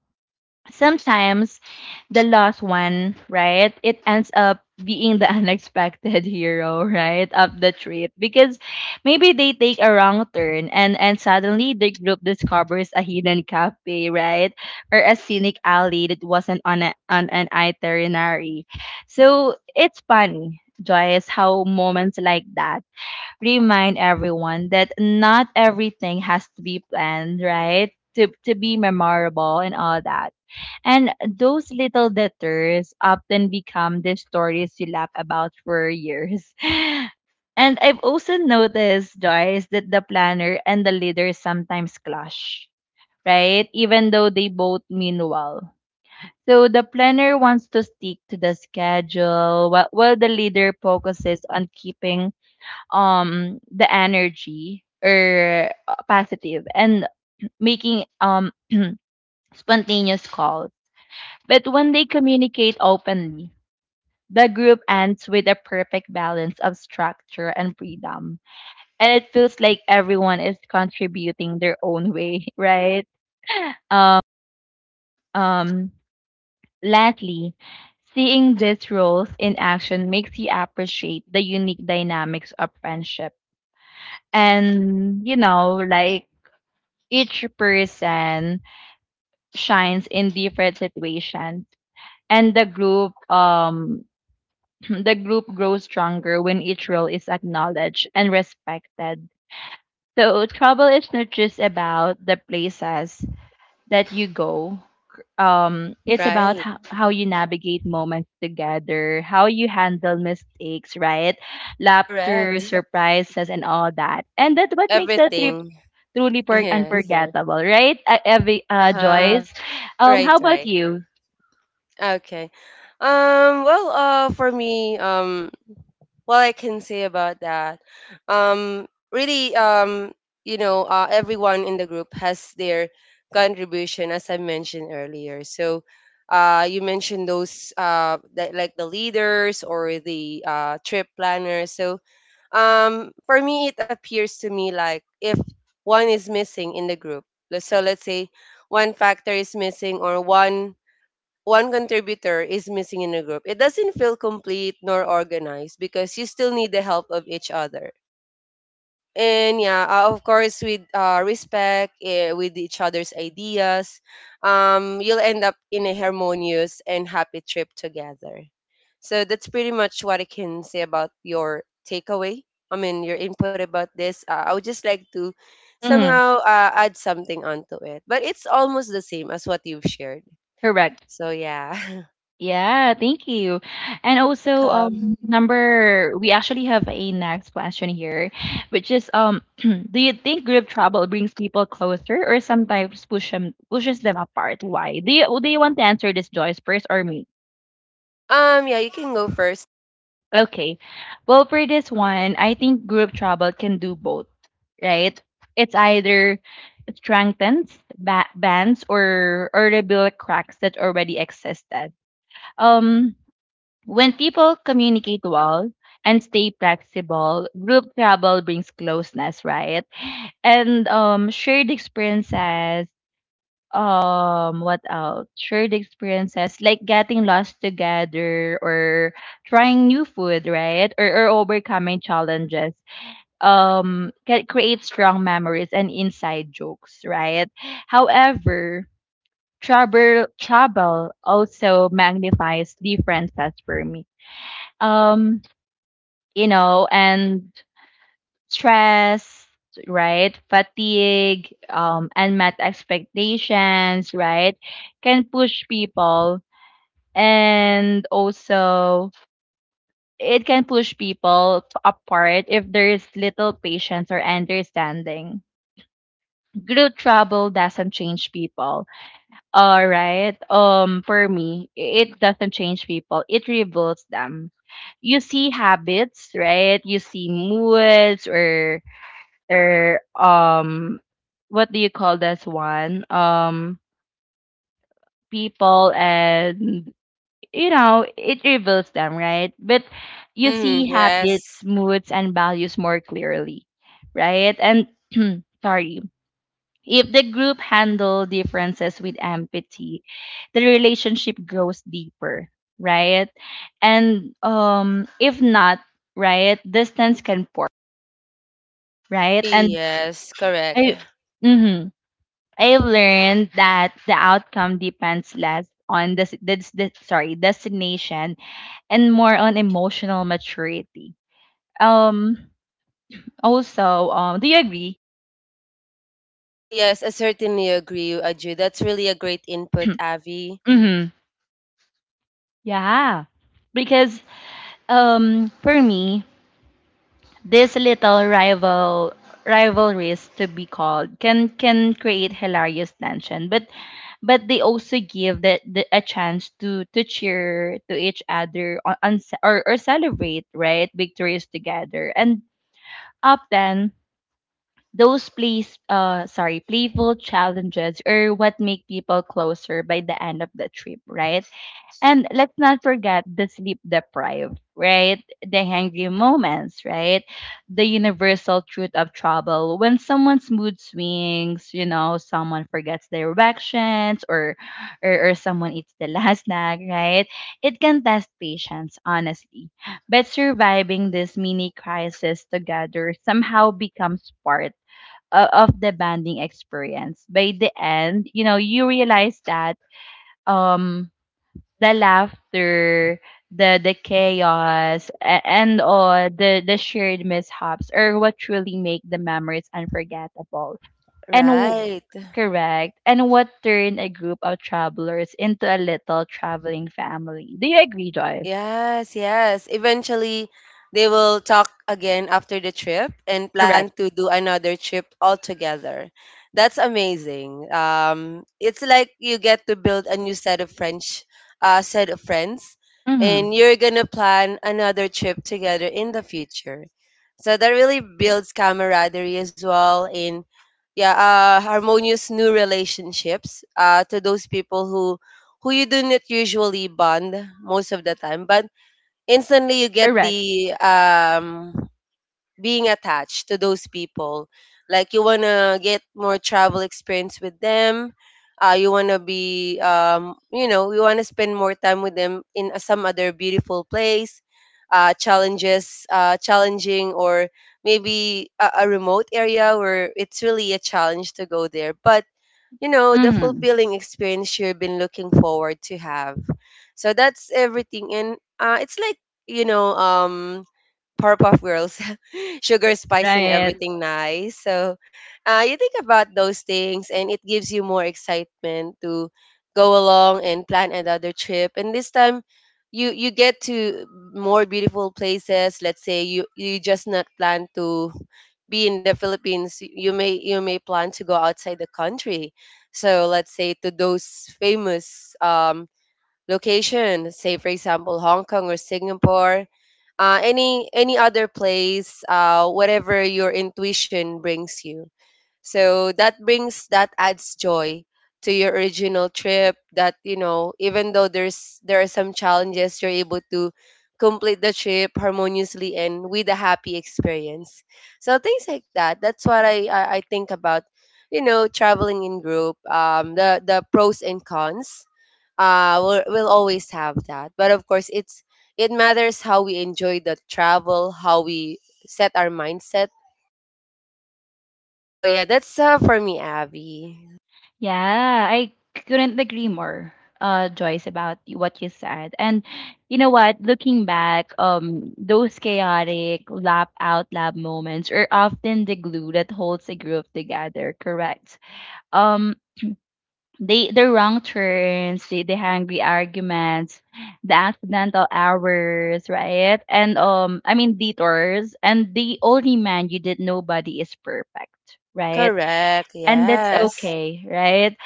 Speaker 1: Sometimes the lost one, right? It ends up being the (laughs) unexpected hero, right, of the trip, because maybe they take a wrong turn and suddenly the group discovers a hidden cafe, right, or a scenic alley that wasn't on an itinerary. So it's funny, Joyce, how moments like that remind everyone that not everything has to be planned, right, to be memorable and all that. And those little detours often become the stories you laugh about for years. (laughs) And I've also noticed, Joyce, that the planner and the leader sometimes clash, right? Even though they both mean well. So the planner wants to stick to the schedule, while the leader focuses on keeping the energy or positive and making (clears throat) spontaneous calls, but when they communicate openly, the group ends with a perfect balance of structure and freedom. And it feels like everyone is contributing their own way, (laughs) right? Um, um, Lastly, seeing these roles in action makes you appreciate the unique dynamics of friendship. And, you know, like each person shines in different situations, and the group grows stronger when each role is acknowledged and respected. So trouble is not just about the places that you go. It's about
Speaker 2: Right.
Speaker 1: how you navigate moments together, how you handle mistakes, right? Laughter,
Speaker 2: Correct.
Speaker 1: surprises, and all that. And that's what makes the trip
Speaker 2: Everything. (laughs)
Speaker 1: truly
Speaker 2: Yes.
Speaker 1: unforgettable, right? Evie,
Speaker 2: Uh-huh.
Speaker 1: Joyce.
Speaker 2: Right,
Speaker 1: How about
Speaker 2: right.
Speaker 1: you?
Speaker 2: Okay. Well, for me, what I can say about that, really, you know, everyone in the group has their contribution, as I mentioned earlier. So, you mentioned those that, like the leaders or the trip planners. So, for me, it appears to me like if one is missing in the group, so let's say one factor is missing or one contributor is missing in a group, it doesn't feel complete nor organized because you still need the help of each other. And yeah, of course, with respect, with each other's ideas, you'll end up in a harmonious and happy trip together. So that's pretty much what I can say about your takeaway. I mean, your input about this. I would just like to
Speaker 1: hmm
Speaker 2: somehow add something onto it, but it's almost the same as what you've shared.
Speaker 1: Correct.
Speaker 2: So yeah. (laughs)
Speaker 1: Yeah, thank you. And also,
Speaker 2: Welcome.
Speaker 1: number we actually have a next question here, which is, (clears throat) do you think group travel brings people closer or sometimes pushes them apart? Why? Do you want to answer this, Joyce, first or me?
Speaker 2: Yeah, you can go first.
Speaker 1: Okay. Well, for this one, I think group travel can do both, right? It's either strengthens bands or rebuild cracks that already existed. Um, When people communicate well and stay flexible, group travel brings closeness, right? And shared experiences, what else? Shared experiences like getting lost together or trying new food, right? Or overcoming challenges. Can create strong memories and inside jokes, right? However, travel also magnifies differences for me. Um you know, and stress, right? Fatigue, unmet expectations, right? Can push people, and also it can push people apart if there is little patience or understanding. Group trouble doesn't change people. All right. For me, it doesn't change people. It rebuilds them. You see habits, right? You see moods or after what do you call this one? People, and you know, it reveals them, right? But you
Speaker 2: Mm,
Speaker 1: see habits,
Speaker 2: yes.
Speaker 1: moods and values more clearly, right? And (clears throat) sorry. If the group handle differences with empathy, the relationship goes deeper, right? And if not, right, distance can pour, right? And
Speaker 2: Yes, correct.
Speaker 1: I Mhm. I've learned that the outcome depends less on the sorry destination and more on emotional maturity. Um. Also, do you agree?
Speaker 2: Yes, I certainly agree, Aju. That's really a great input, Avi.
Speaker 1: Mm-hmm. Yeah, because for me, this little rivalries to be called can create hilarious tension, but they also give the a chance to cheer to each other on, or celebrate, right, victories together, and often those playful challenges are what make people closer by the end of the trip, right? And let's not forget the sleep deprived, right? The hangry moments, right? The universal truth of trouble. When someone's mood swings, you know, someone forgets directions or someone eats the (laughs) last snack, right? It can test patience, honestly. But surviving this mini crisis together somehow becomes part of the banding experience. By the end, you know, you realize that um the laughter, the chaos, and all the shared mishaps are what truly make the memories unforgettable. And w-
Speaker 2: Right.
Speaker 1: and what turn a group of travelers into a little traveling family. Do you agree, Joy?
Speaker 2: Yes, yes. Eventually, they will talk again after the trip and plan
Speaker 1: Correct.
Speaker 2: to do another trip all together. That's amazing. It's like you get to build a new set of French, set of friends,
Speaker 1: Mm-hmm.
Speaker 2: and you're gonna plan another trip together in the future. So that really builds camaraderie as well, and yeah, harmonious new relationships to those people who you do not usually bond most of the time, but instantly you get
Speaker 1: Correct.
Speaker 2: the being attached to those people. Like you wanna get more travel experience with them. You wanna be, you know, you wanna spend more time with them in some other beautiful place. Challenging, or maybe a remote area where it's really a challenge to go there. But you know, the
Speaker 1: Mm-hmm.
Speaker 2: fulfilling experience you've been looking forward to have. So that's everything. And it's like, you know, Powerpuff Girls, (laughs) sugar, spice, and
Speaker 1: Right.
Speaker 2: everything nice. So you think about those things and it gives you more excitement to go along and plan another trip. And this time, you get to more beautiful places. Let's say you just not plan to be in the Philippines, you may plan to go outside the country. So let's say to those famous location, say for example Hong Kong or Singapore, any other place, whatever your intuition brings you. So that brings that adds joy to your original trip that you know even though there are some challenges you're able to complete the trip harmoniously and with a happy experience. So things like that. That's what I think about, you know, traveling in group, the pros and cons. We'll always have that, but of course it's it matters how we enjoy the travel, how we set our mindset. So yeah, that's for me, Abby.
Speaker 1: Yeah, I couldn't agree more, Joyce, about what you said. And you know what? Looking back, those chaotic laugh out loud moments are often the glue that holds a group together. Correct. Um, they the wrong turns, the hangry arguments, the accidental hours, right? And I mean detours, and they all remind you that nobody is perfect, right?
Speaker 2: Correct.
Speaker 1: And that's
Speaker 2: Yes.
Speaker 1: okay, right?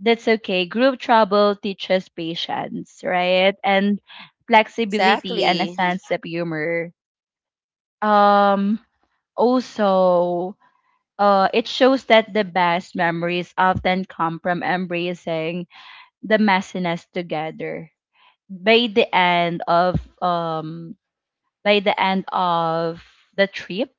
Speaker 1: That's okay. Group trouble teaches patience, right? And flexibility and a
Speaker 2: Exactly.
Speaker 1: sense of humor. Um also, it shows that the best memories often come from embracing the messiness together. By the end of um by the end of the trip,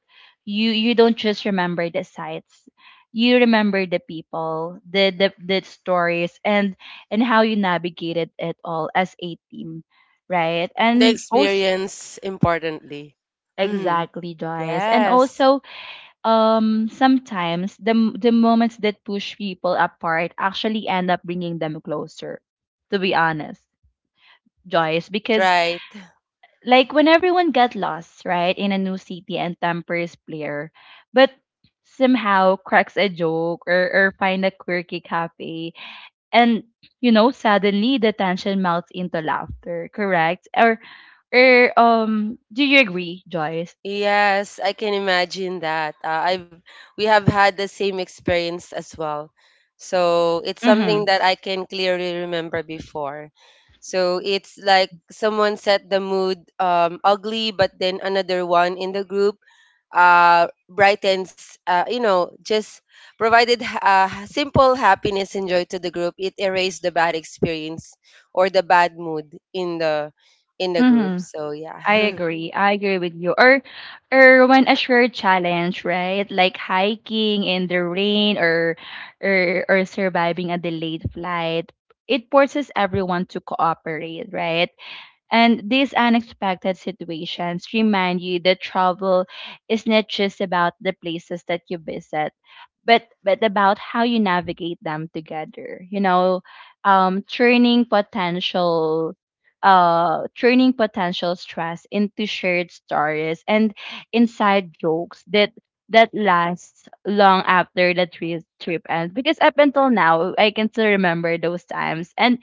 Speaker 1: you don't just remember the sights, you remember the people, the stories, and how you navigated it all as a team, right?
Speaker 2: And the
Speaker 1: And also,
Speaker 2: experience importantly. Mm,
Speaker 1: exactly, Joyce. And
Speaker 2: yes.
Speaker 1: also, sometimes the moments that push people apart actually end up bringing them closer, to be honest, Joyce,
Speaker 2: Right.
Speaker 1: because
Speaker 2: Right.
Speaker 1: like when everyone got lost, right, in a new city and tampers player, but somehow cracks a joke, or find a quirky cafe, and you know, suddenly the tension melts into laughter. Correct. Or do you agree, Joyce?
Speaker 2: Yes, I can imagine that. I've we have had the same experience as well. So it's
Speaker 1: mm-hmm
Speaker 2: something that I can clearly remember before. So it's like someone set the mood ugly, but then another one in the group brightens, you know, just provided simple happiness and joy to the group. It erased the bad experience or the bad mood in the group.
Speaker 1: mm-hmm
Speaker 2: So
Speaker 1: I
Speaker 2: yeah, (laughs)
Speaker 1: agree. I agree with you. Or when a shared challenge, right? Like hiking in the rain, or surviving a delayed flight. It forces everyone to cooperate, right? And these unexpected situations remind you that travel is not just about the places that you visit, but about how you navigate them together. You know, um, turning potential turning potential stress into shared stories and inside jokes that lasts long after the trip ends, because up until now I can still remember those times. And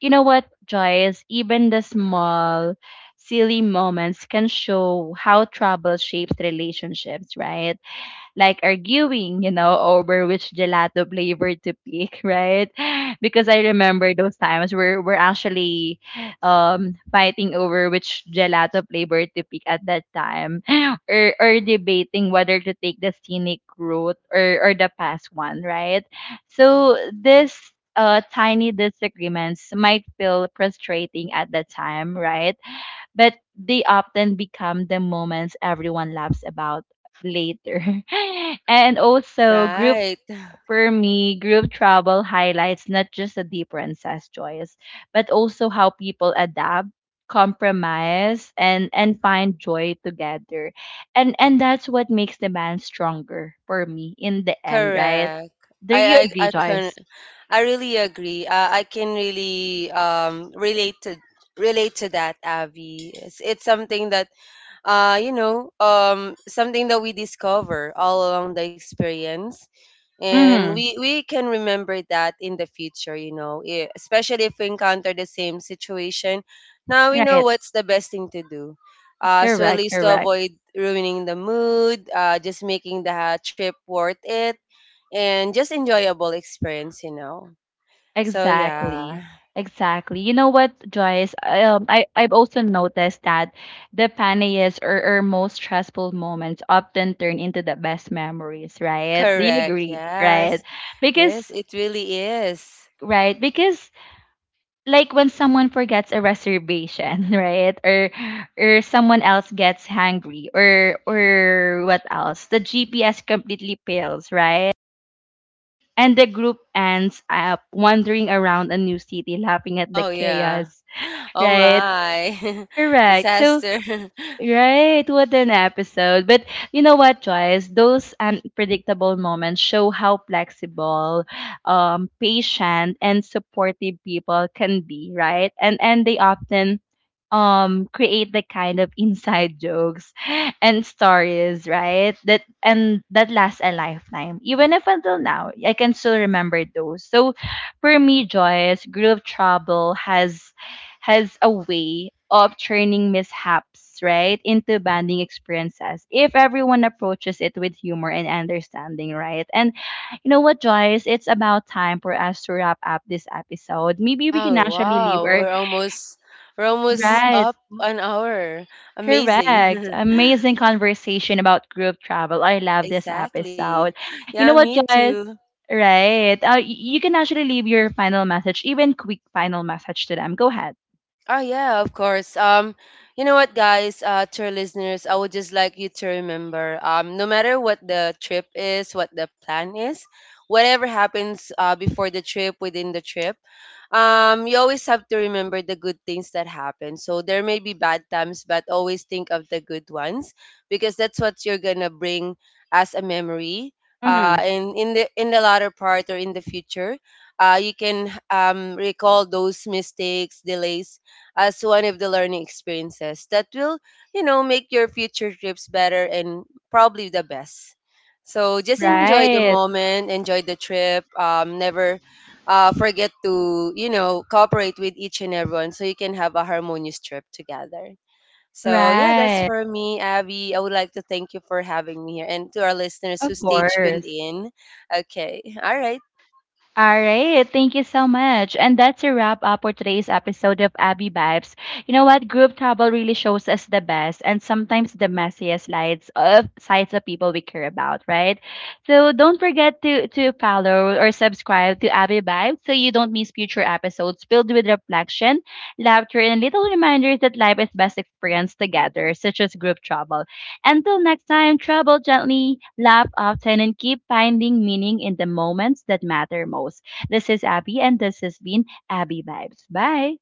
Speaker 1: you know what, Joyce? Even the small, silly moments can show how trouble shapes relationships, right? Like arguing, you know, over which gelato flavor to pick, (laughs) right? Because I remember those times where we're actually fighting over which gelato flavor to pick at that time, (gasps) (laughs) or debating whether to take the scenic route or the fast one, right? So this tiny disagreements might feel frustrating at the time, right? But they often become the moments everyone laughs about later. (laughs) and also, group
Speaker 2: right.
Speaker 1: For me, group travel highlights not just the differences, Joyce, but also how people adapt, compromise, and find joy together, and that's what makes the band stronger for me in the end, right?
Speaker 2: Correct.
Speaker 1: Do you agree,
Speaker 2: I can
Speaker 1: Joyce?
Speaker 2: I really agree. I can really relate to that, Abby. It's something that you know something that we discover all along the experience, and
Speaker 1: Mm,
Speaker 2: we can remember that in the future. You know, especially if we encounter the same situation, now we know
Speaker 1: right,
Speaker 2: what's the best thing to do. So at
Speaker 1: correct,
Speaker 2: least to
Speaker 1: correct.
Speaker 2: avoid ruining the mood, just making the trip worth it and just enjoyable experience, you know. So
Speaker 1: Exactly.
Speaker 2: yeah,
Speaker 1: Exactly. You know what, Joyce? I've also noticed that the funniest, or most stressful moments often turn into the best memories, right? Do you
Speaker 2: correct.
Speaker 1: agree? Right?
Speaker 2: Yes. Yes,
Speaker 1: Because,
Speaker 2: it really is.
Speaker 1: right? Because, like, when someone forgets a reservation, (laughs) right? Or someone else gets hungry, or what else? The GPS completely fails, right? And the group ends up wandering around a new city, laughing at the
Speaker 2: Oh yeah.
Speaker 1: chaos.
Speaker 2: (laughs) Oh
Speaker 1: Right.
Speaker 2: my. (laughs)
Speaker 1: Correct. So,
Speaker 2: Disaster. (laughs)
Speaker 1: right, what an episode. But you know what, Joyce? Those unpredictable moments show how flexible, patient and supportive people can be, right? And they often create the kind of inside jokes (laughs) and stories, right? That lasts a lifetime. Even if until now, I can still remember those. So for me, Joyce, Groove Trouble has a way of turning mishaps, right, into bonding experiences if everyone approaches it with humor and understanding, right? And you know what, Joyce? It's about time for us to wrap up this episode. Maybe we can
Speaker 2: Oh
Speaker 1: actually leave
Speaker 2: wow,
Speaker 1: our
Speaker 2: we're almost
Speaker 1: right.
Speaker 2: up an hour.
Speaker 1: Correct.
Speaker 2: Amazing.
Speaker 1: Amazing conversation about group travel. I
Speaker 2: (laughs)
Speaker 1: love this
Speaker 2: Exactly.
Speaker 1: episode.
Speaker 2: Yeah,
Speaker 1: You know
Speaker 2: me
Speaker 1: what, Joyce?
Speaker 2: too.
Speaker 1: Right. You can actually leave your final message, even quick final message to them. Go ahead.
Speaker 2: Oh yeah, of course. You know what, guys, to our listeners, I would just like you to remember, no matter what the trip is, what the plan is, whatever happens before the trip, within the trip, you always have to remember the good things that happen. So there may be bad times, but always think of the good ones because that's what you're gonna bring as a memory.
Speaker 1: Mm-hmm.
Speaker 2: And in the latter part or in the future, you can recall those mistakes, delays as one of the learning experiences that will, you know, make your future trips better and probably the best. So just enjoy the
Speaker 1: Right.
Speaker 2: moment, enjoy the trip. Never forget to, you know, cooperate with each and everyone so you can have a harmonious trip together. So yeah, that's
Speaker 1: Right.
Speaker 2: for me, Abby. I would like to thank you for having me here and to our listeners who
Speaker 1: Of
Speaker 2: stay tuned
Speaker 1: course.
Speaker 2: in. Okay. All right.
Speaker 1: All right. Thank you so much. And that's a wrap up for today's episode of Abby Vibes. You know what? Group travel really shows us the best and sometimes the messiest sides of people we care about, right? So don't forget to follow or subscribe to Abby Vibes so you don't miss future episodes filled with reflection, laughter, and little reminders that life is best experienced together, such as group travel. Until next time, travel gently, laugh often, and keep finding meaning in the moments that matter most. This is Abby, and this has been Abby Vibes. Bye.